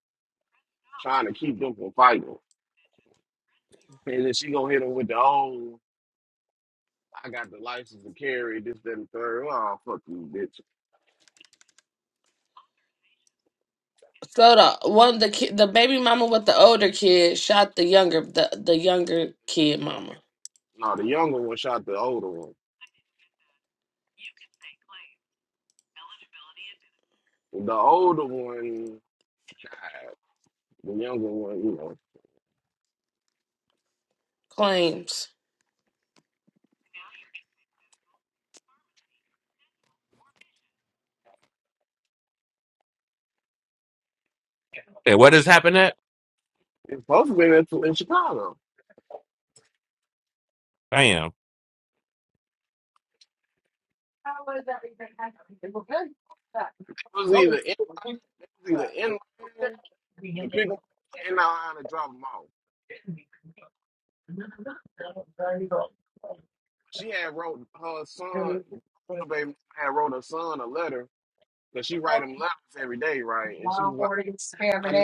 trying to keep them from fighting. And then she gonna hit him with the old, I got the license to carry this, that, and the third. Oh fuck you, bitch.
So the one the kid, the baby mama with the older kid shot the younger the the younger kid mama
No, the younger one shot the older one. The older one died. The younger one, you know,
claims.
And where this happened at?
it's supposed to be in in Chicago.
Damn.
was either in, it was either in line the people in the line to drop them off. She had wrote her son, the baby had wrote her son a letter because she write him letters every day, right? And she was like, I know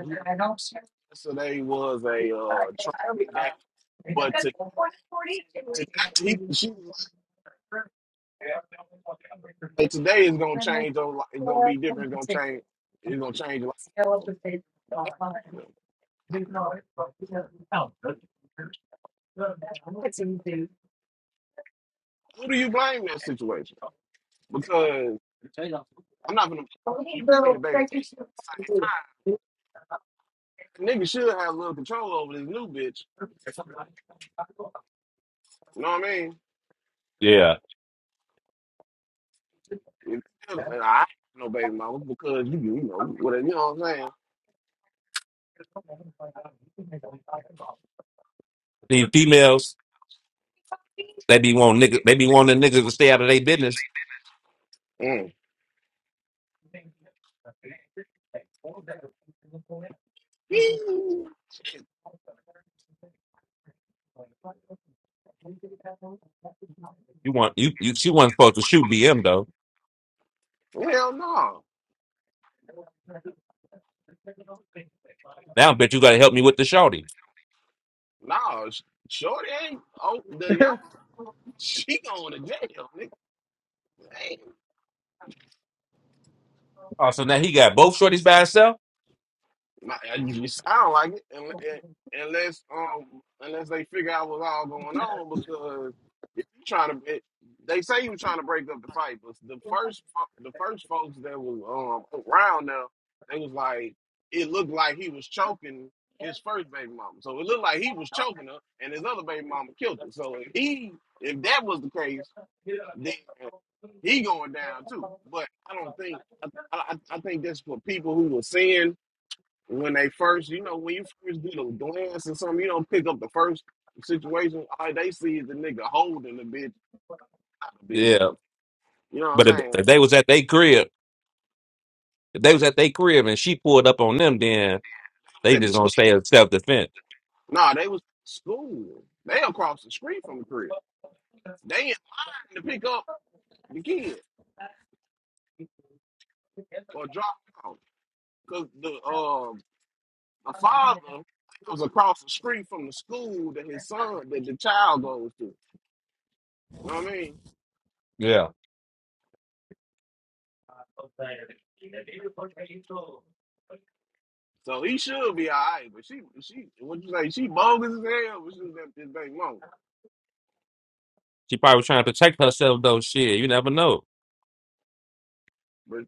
who- yesterday was a uh, trying day, but to, to he, she was like, "Hey, today is gonna change. Your life. It's gonna be different. It's gonna change. It's gonna change your life. Who do you blame in that situation? I'm not gonna you playing the baby at the same time. Nigga should have a little control over this new bitch. You know what I mean?
Yeah.
If, and I ain't no baby mama because you you know whatever you know what I'm
These females, they be want niggas they be wanting niggas to stay out of their business.
saying. Mm. Shit.
You want you, you she wasn't supposed to shoot BM though.
Hell no.
Now, I bet you gotta help me with the shorty.
No, Shorty ain't oh the young she going to jail, nigga. Hey.
Oh, so now he got both shorties by himself.
Like, I just- I don't like it un- un- unless um unless they figure out what's all going on because if you trying to it, they say you trying to break up the fight, but the first fo- the first folks that was um around now they was like it looked like he was choking his first baby mama, so it looked like he was choking her, and his other baby mama killed her. So if he if that was the case, then he going down too. But I don't think I I, I I think that's for people who were seeing when they first, you know, when you first get a glance or something, you don't pick up the first situation. All they see is the nigga holding the bitch out of bitch.
Yeah,
You know what I'm
but if,
saying?
if
They
they was at their crib, if they was at their crib and she pulled up on them, then
was
they
at the
just
school.
gonna stay in self defense.
Nah, they was at school. They across the street from the crib. They in line to pick up the kid or drop him off. Cause the um the father was across the street from the school that his son that the child goes to. You know what I mean?
Yeah,
So he should be all right, but she she what you say, she bogus as hell, but she was at this bank mom.
she probably was trying to protect herself though. Shit, you never know.
But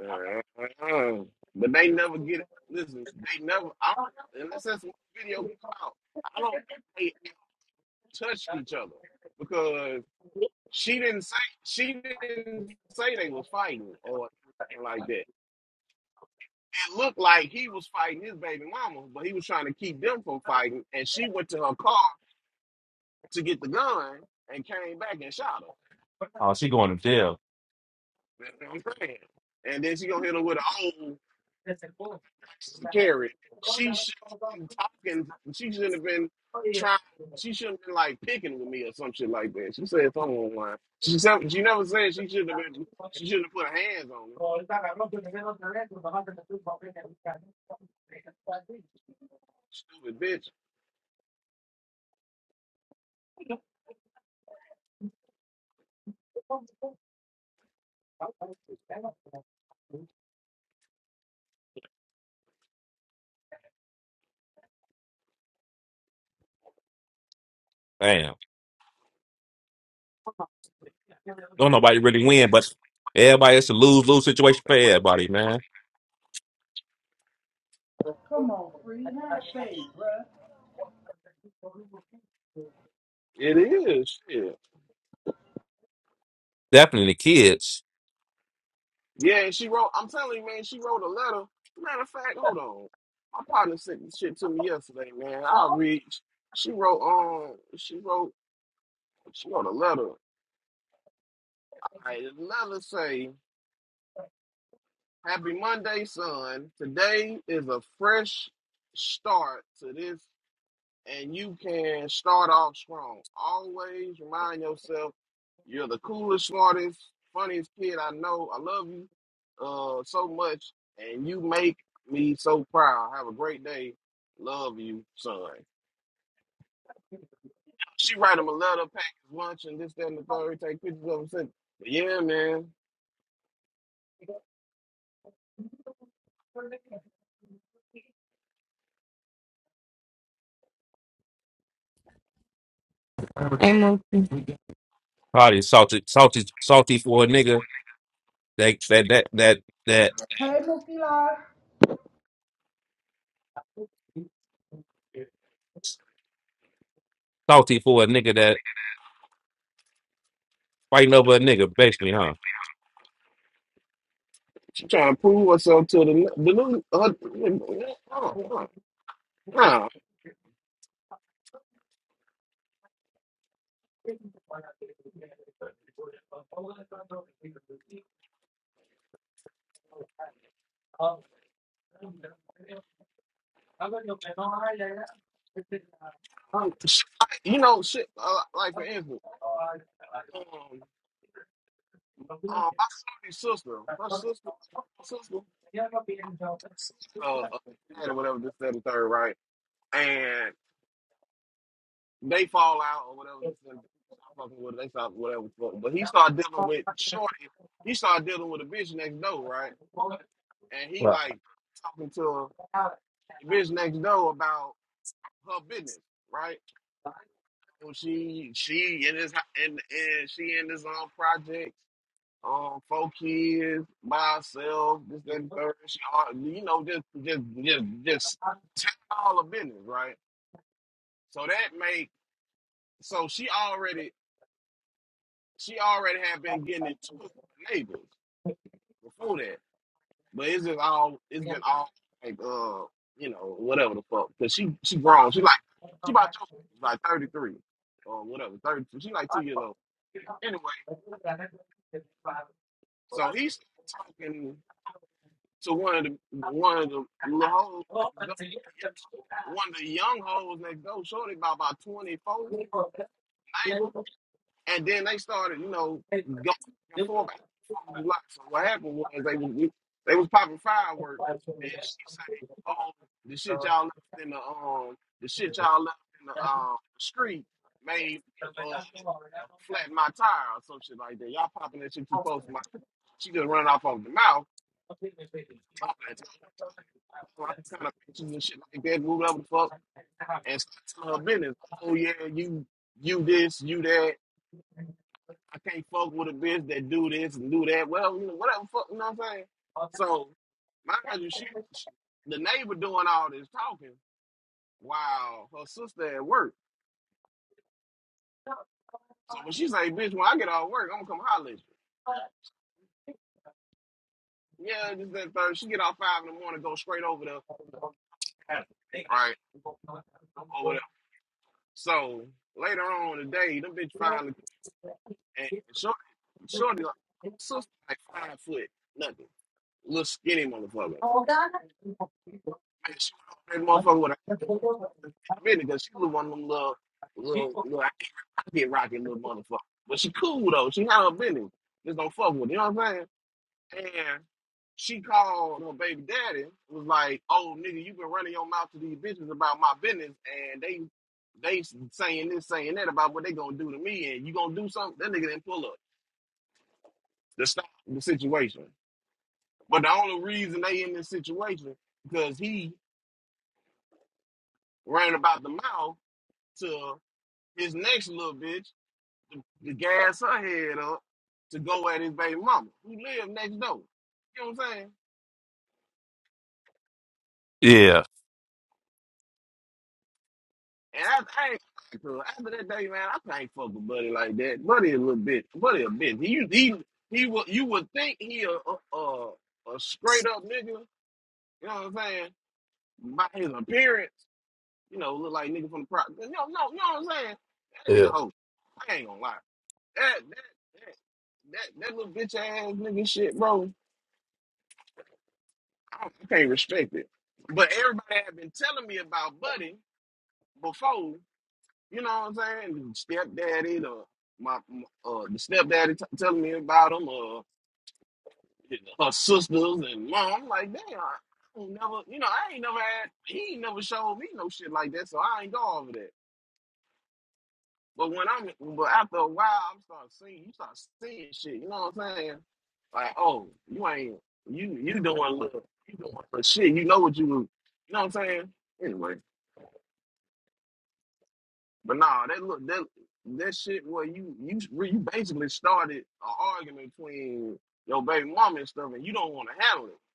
uh, but they never get it. Listen, they never. I don't, unless that's one video come out, I don't think they touched each other because she didn't say she didn't say they was fighting or anything like that. It looked like he was fighting his baby mama, but he was trying to keep them from fighting, and she went to her car to get the gun and came back and shot her.
Oh, she going to jail.
That's what I'm saying. And then she gonna hit him with a oh. Alexis to carry. She shouldn't have been talking. She shouldn't have been trying. She shouldn't have been like picking with me or some shit like that. She said something online. She said, she never said she shouldn't have been. She shouldn't have put her hands on him. Stupid bitch.
Damn, don't nobody really win, but everybody it's a lose lose situation for everybody, man.
Come on, free half face, bruh.
It is. Shit.
Definitely the kids
Yeah, and she wrote. I'm telling you, man. She wrote a letter. Matter of fact, hold on. My partner sent this shit to me yesterday, man. I'll read. She wrote. Um. She wrote. She wrote a letter. I letter say. Happy Monday, son. Today is a fresh start to this, and you can start off strong. Always remind yourself you're the coolest, smartest, funniest kid I know. I love you uh, so much, and you make me so proud. Have a great day. Love you, son. She write him a letter, pack his lunch, and this, that, and the third. Take pictures of him. Send. But yeah, man.
I'm okay.
probably salty, salty, salty for a nigga that that that that
Hey, Mookie Live.
that. salty for a nigga that fighting over a nigga, basically, huh?
She trying to prove herself to the the new. Uh, uh, uh, uh. Nah, You know, shit. Uh, like for instance, um, uh, my shorty's sister, her sister, her sister, uh, uh, dad or whatever, this that, and third, right? And they fall out or whatever. This that, and third, they stop fucking with her, they stop whatever. fuck. But he started dealing with shorty. He started dealing with a bitch next door, right? And he
Right.
like talking to the bitch next door about her business, right? And she she in this and and she in this um project. um, four kids, myself, this, that, and third. She, all- you know, just, just, just, just take all the business, right? So that make so she already, she already had been getting into it with her neighbors before that, but it's just all, it's been all like, uh, you know, whatever the fuck, because she, she grown, she like, she about to- like thirty three or whatever, thirty, she like two years old. Anyway, so he's talking to one of the one of the little hoes one of the young hoes next door, shorty about about 24, neighbor. And then they started, you know, going back and forth. back and forth a lot. So what happened was they was they was popping fireworks and she say, Oh, the shit y'all left in the um the shit y'all left in the um street made uh flatten my tire or some shit like that. Y'all popping that shit too close to my she just running off of the mouth, talking and talking. Kind of pictures and shit like that, moving up the fuck. and start to business. Oh yeah, you you this, you that. I can't fuck with a bitch that do this and do that. Well, you know, whatever fuck, you know what I'm saying? So mind you, she, she the neighbor doing all this talking while her sister at work. So when she say, bitch, when I get off work, I'm gonna come holler at you. Yeah, just that third. She get off five in the morning, go straight over there, right? Or whatever. So later on in the day, them bitch finally and shorty, shorty, like, sister like five foot nothing. little skinny motherfucker. Man, she was that motherfucker with her ass on in a minute because she was one of them little, little, little pocket rocket little motherfucker. But she cool though. She not a business. Just don't fuck with it. You know what I'm saying? And she called her baby daddy. Was like, "Oh nigga, you been running your mouth to these bitches about my business, and they they saying this, saying that about what they gonna do to me, and you gonna do something." That nigga didn't pull up to stop the situation. But the only reason they in this situation because he ran about the mouth to his next little bitch to, to gas her head up to go at his baby mama who lived next door. You know what I'm saying?
Yeah.
And I, I ain't fucking to her. after that day, man, I can't fuck with Buddy like that. Buddy a little bitch. Buddy a bitch. He he he would you would think he a a, a, a straight up nigga. You know what I'm saying? By his appearance, you know, look like nigga from the pro. No, no, you know what I'm saying? That
Yeah.
nigga hoe. I ain't gonna lie. That that that that, that little bitch ass nigga shit, bro I, I can't respect it. But everybody had been telling me about Buddy before, you know what I'm saying? Stepdaddy, the my my- uh the stepdaddy t- telling me about him, uh her sisters and mom. I'm like, damn, I ain't never you know, I ain't never had he ain't never showed me no shit like that, so I ain't go over that. But when I'm but after a while I'm start seeing you start seeing shit, you know what I'm saying? Like, oh, you ain't you you doing little you doing little shit, you know what you you know what I'm saying? Anyway. But nah, that look that that shit where you you you basically started an argument between your baby mama and stuff, and you don't want to handle it.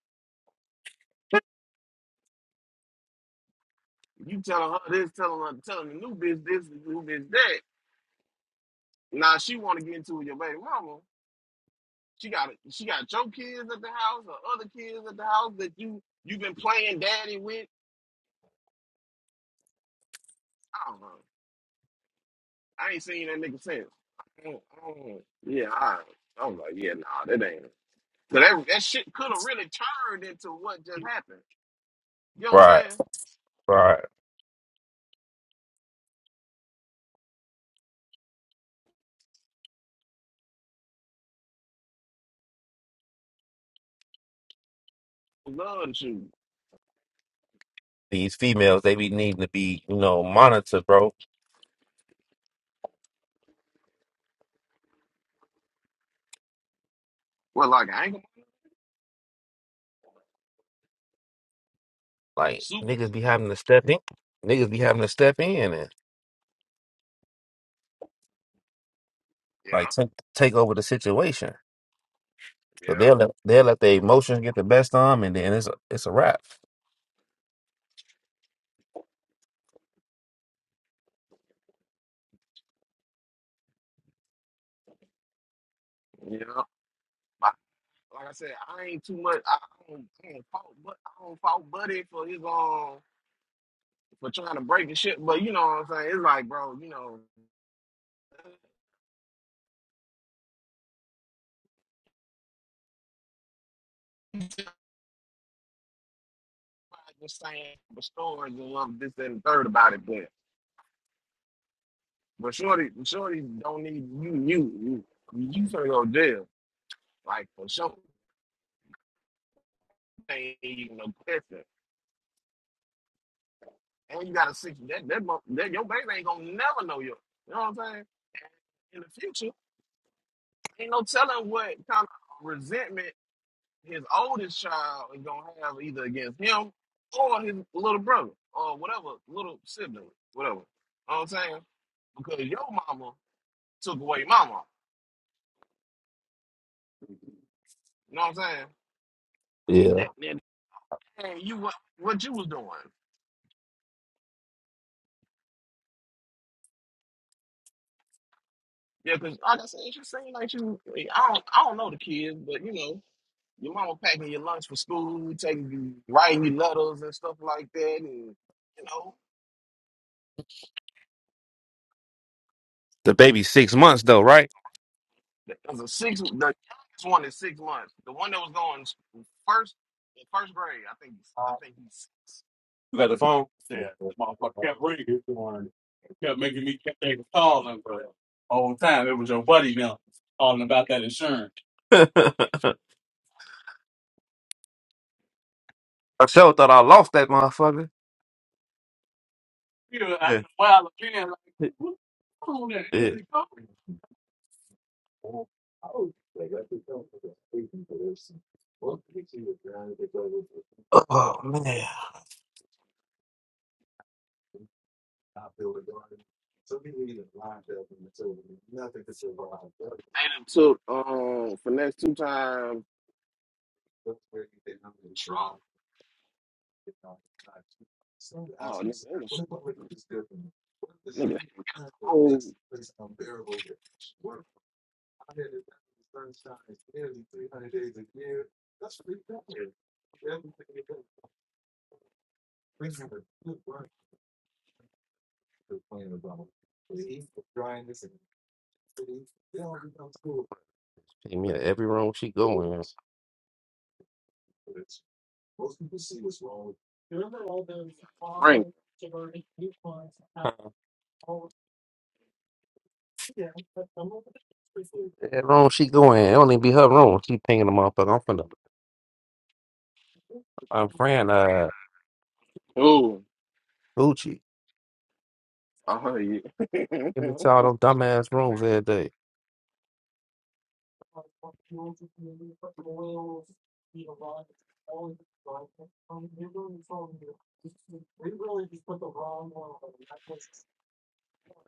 You telling her this, telling her, telling the new bitch this, the new bitch that. Now she want to get into it with your baby mama. She got she got your kids at the house or other kids at the house that you you been playing daddy with. I don't know. I ain't seen that nigga since. I don't- I don't- Yeah, I, I was like, yeah, nah, that ain't. So that that shit could have really turned into what just happened. You know what I'm
Right.
saying?
Right.
Love the shoes.
These females, they be needing to be, you know, monitored, bro.
Well, like I ain't gonna
Like
super.
niggas be having to step in. Niggas be having to step in and
Yeah,
like take take over the situation. But
yeah,
they'll let they'll let their emotions get the best of them, and then it's a, it's a wrap.
yeah. Like, like I said, I ain't too much. I don't, I don't fault, but I don't fault Buddy for his um for trying to break the shit. But you know what I'm saying? It's like, bro, you know, saying the stories and love this that, and the third about it. But but shorty, shorty don't need you. You you you finna go to jail. Like for sure, ain't even no question. And you got a six. That that mo- that your baby ain't gonna never know you. You know what I'm saying? in the future. Ain't no telling what kind of resentment his oldest child is gonna have either against him or his little brother or whatever little sibling, whatever. You know what I'm saying? Because your mama took away my mama. You know what I'm saying? And
Yeah.
that and, and you what what you was doing. Yeah, because like I said, she seemed like you I don't I don't know the kids, but you know, your mama packing your lunch for school, taking you writing you letters and stuff like that and you know.
The baby six months though, right?
It was a six. The youngest one is six months. The one that was going s- first in first grade, I think. I think he's six.
You got the phone? I sure thought I lost that motherfucker. Yeah. yeah. go. Oh man.
They done took um finesse two times. Oh nigga, they was, nigga, they whole
Take me to every room she go in.
ring.
Huh, Every room she go in, it only be her room. She pinging the motherfucker. I'm finna, I'm praying, uh,
oh,
Gucci.
I heard you. you
Give me to all them dumbass rooms every day.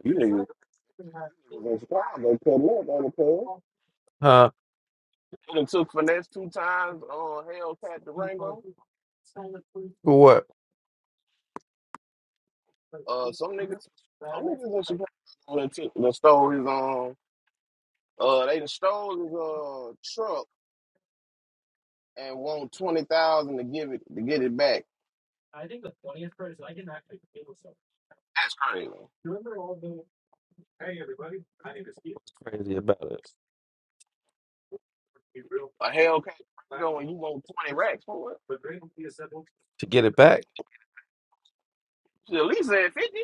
niggas, you niggas in Chicago cutting up on the club.
Huh?
They done took finesse two times. Uh, Hellcat Durango.
For What?
Uh, some niggas, some niggas in Chicago done took, done stole his um. Uh, they done stole his uh truck and want twenty thousand to give it to get it back. That's crazy.
Crazy about it.
A Hellcat Rango and you want twenty racks for it?
To get it back?
She at least said fifty.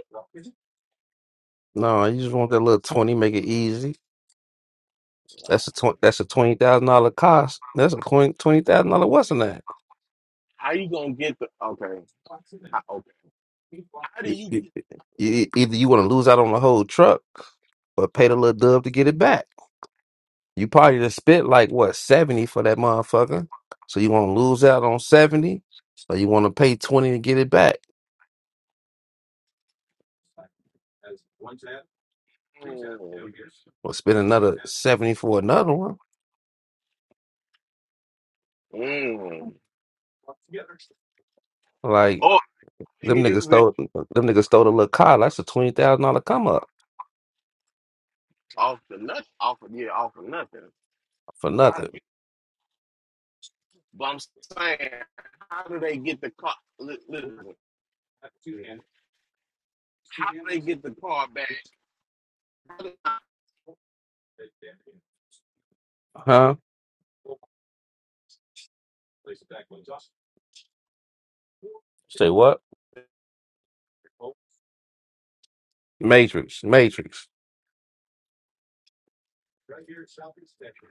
No, you just want that little 20, make it easy. That's a twenty. that's a twenty thousand dollar cost. That's a twenty twenty thousand dollar what's in that?
How you gonna get the okay? How, okay. How do
You-
you
you-
get?
you- Either you want to lose out on the whole truck, or pay the little dub to get it back. You probably just spit like what seventy for that motherfucker. So you want to lose out on seventy, or you want to pay twenty to get it back,
Mm,
or spend another seventy for another one.
mm.
Like
Or you
them
can use
niggas
it
stole them niggas stole a little car. That's a twenty thousand dollar come up
off the nothing. Off of, yeah, off of nothing.
for
But I,
nothing,
you, but I'm saying, how do they get the car? li- Listen, how do they get the car back? How do, I
huh? Say what? Matrix, Matrix.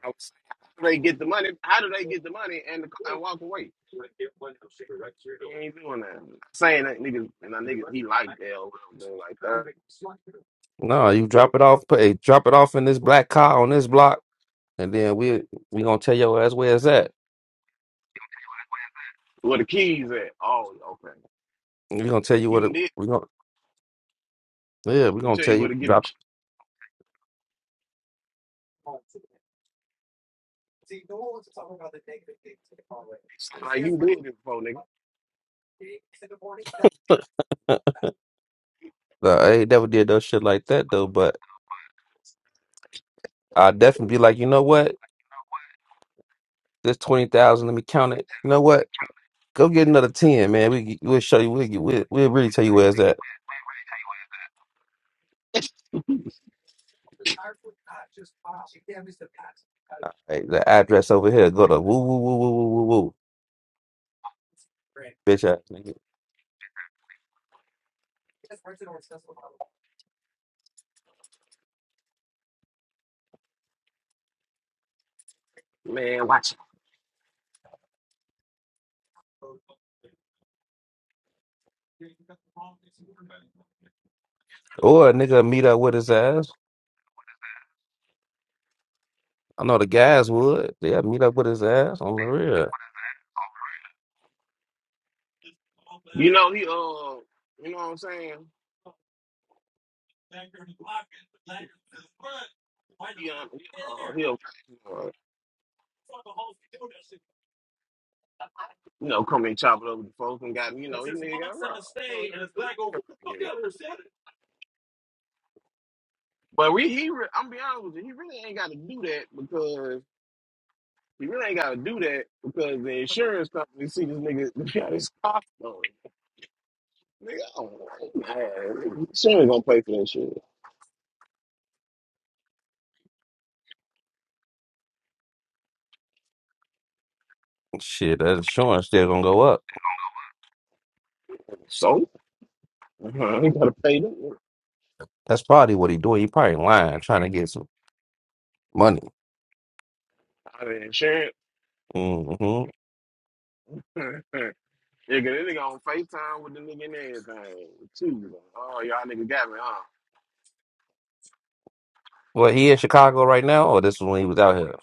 was saying, how do they get the money? How do they get the money and the, car- and walk away? He ain't doing that. Saying that niggas, my niggas, he like L doing like that.
No, you drop it off. Pay, drop it off in this black car on this block, and then we we gonna tell your ass where it's at.
Where the keys at? Oh, okay.
We gonna tell you what it.
You did.
We gonna yeah. We
You
gonna
tell
tell
you where
you
to get the
drop.
keys. Like you did it before, nigga.
No, I ain't never did no shit like that though, but I definitely be like, you know what? This twenty thousand, let me count it. You know what? Go get another ten, man. We we'll show you. We we'll, we'll really tell you where's that like, the address over here. Go to woo woo woo woo woo woo woo, bitch ass nigga.
Man, watch it.
Or a nigga meet up with his ass. I know the guys would. Yeah, meet up with his ass on the real.
You know he uh, you know what I'm saying? He um, he, uh, he'll uh, you know come and chop it up with the folks and got you know he nigga got robbed. You know, he can't get robbed. But we, he, re- I'm be honest with you, he really ain't got to do that because he really ain't got to do that because the insurance company see this nigga got his car stolen. Nigga, I don't know. Man, she ain't gonna pay for that shit.
Shit, that insurance still gonna go up.
So? Uh-huh. You gotta pay them.
That's probably what he doing. He probably lying, trying to get some money.
I mean, insurance.
hmm
Nigga, this nigga on FaceTime with the nigga and everything. Too. Like, Oh, y'all nigga got me, huh?
Well, he in Chicago right now, or this is when he was out here.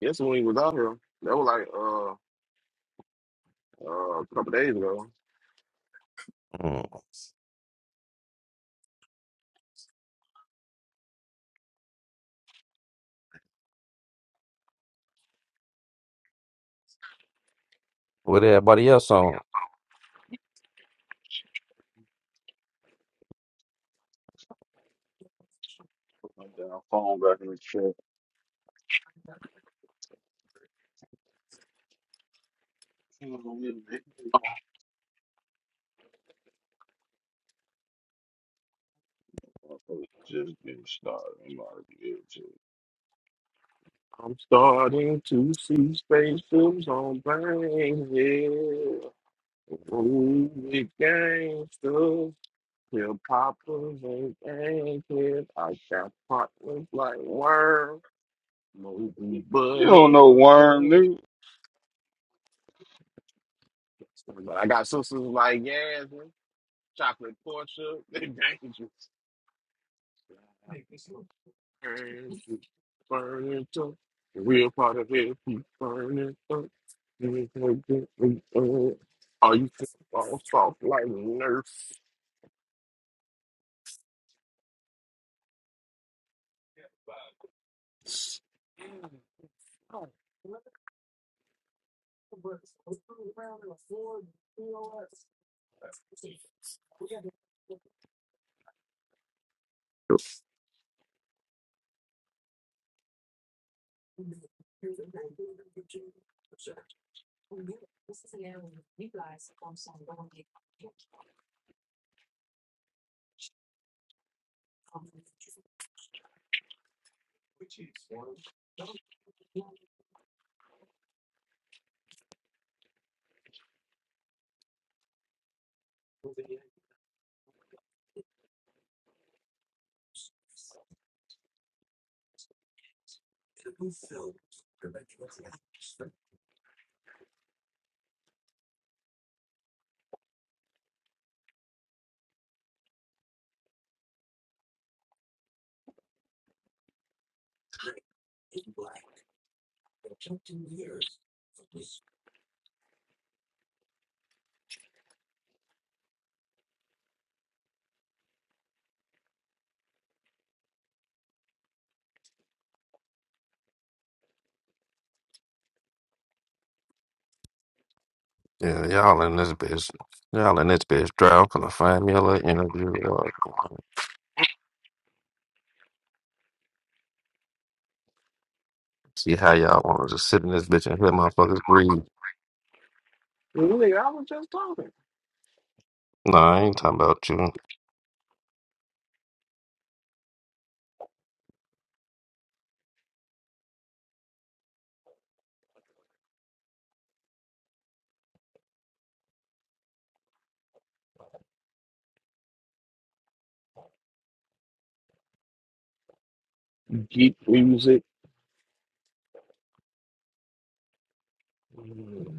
Yes, when he was out here, that was like uh, uh, a couple days ago.
Mm. What everybody else on?
Put my damn phone back in the chair. Motherfuckers just getting started. I'm out of here, too.
I'm starting to see spaceships on planes, yeah. Ooh, it gangsters. Hip poppers and gangsters. I got partners like worms.
You
Mobile
don't know
buddy.
worm, nigga.
But I got sisters like Yasmin, Chocolate Portia. They dangerous. Burn it, burn it up. We're part of it. We you? it up. We burn it up. Are you all soft like nurse?
Yeah, y'all in this bitch. Y'all in this bitch. Drought. Gonna find me a little interview or see how y'all want to just sit in this bitch and hear motherfuckers breathe.
Really, I was just talking.
Nah, I ain't talking about you.
Geek music. Mm,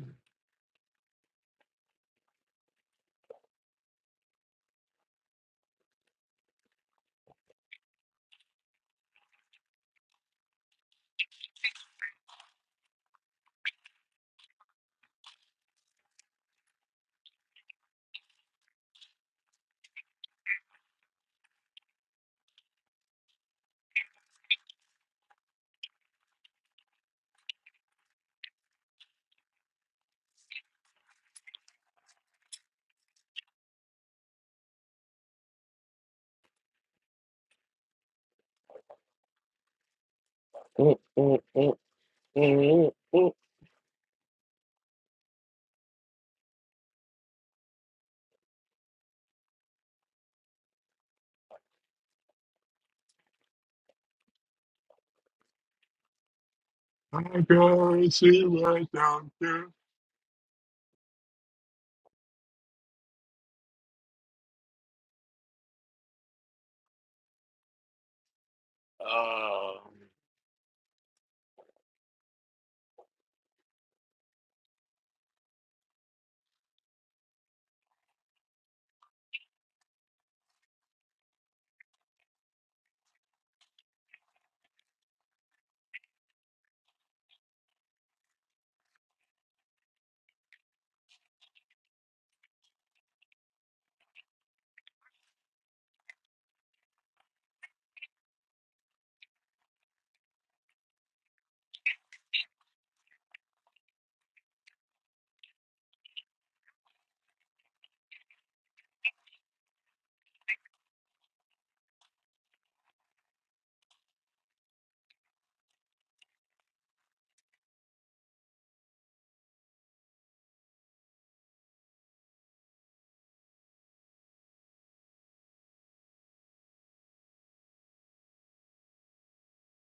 mm, mm, mm, mm. I gotta see what's out there. Um,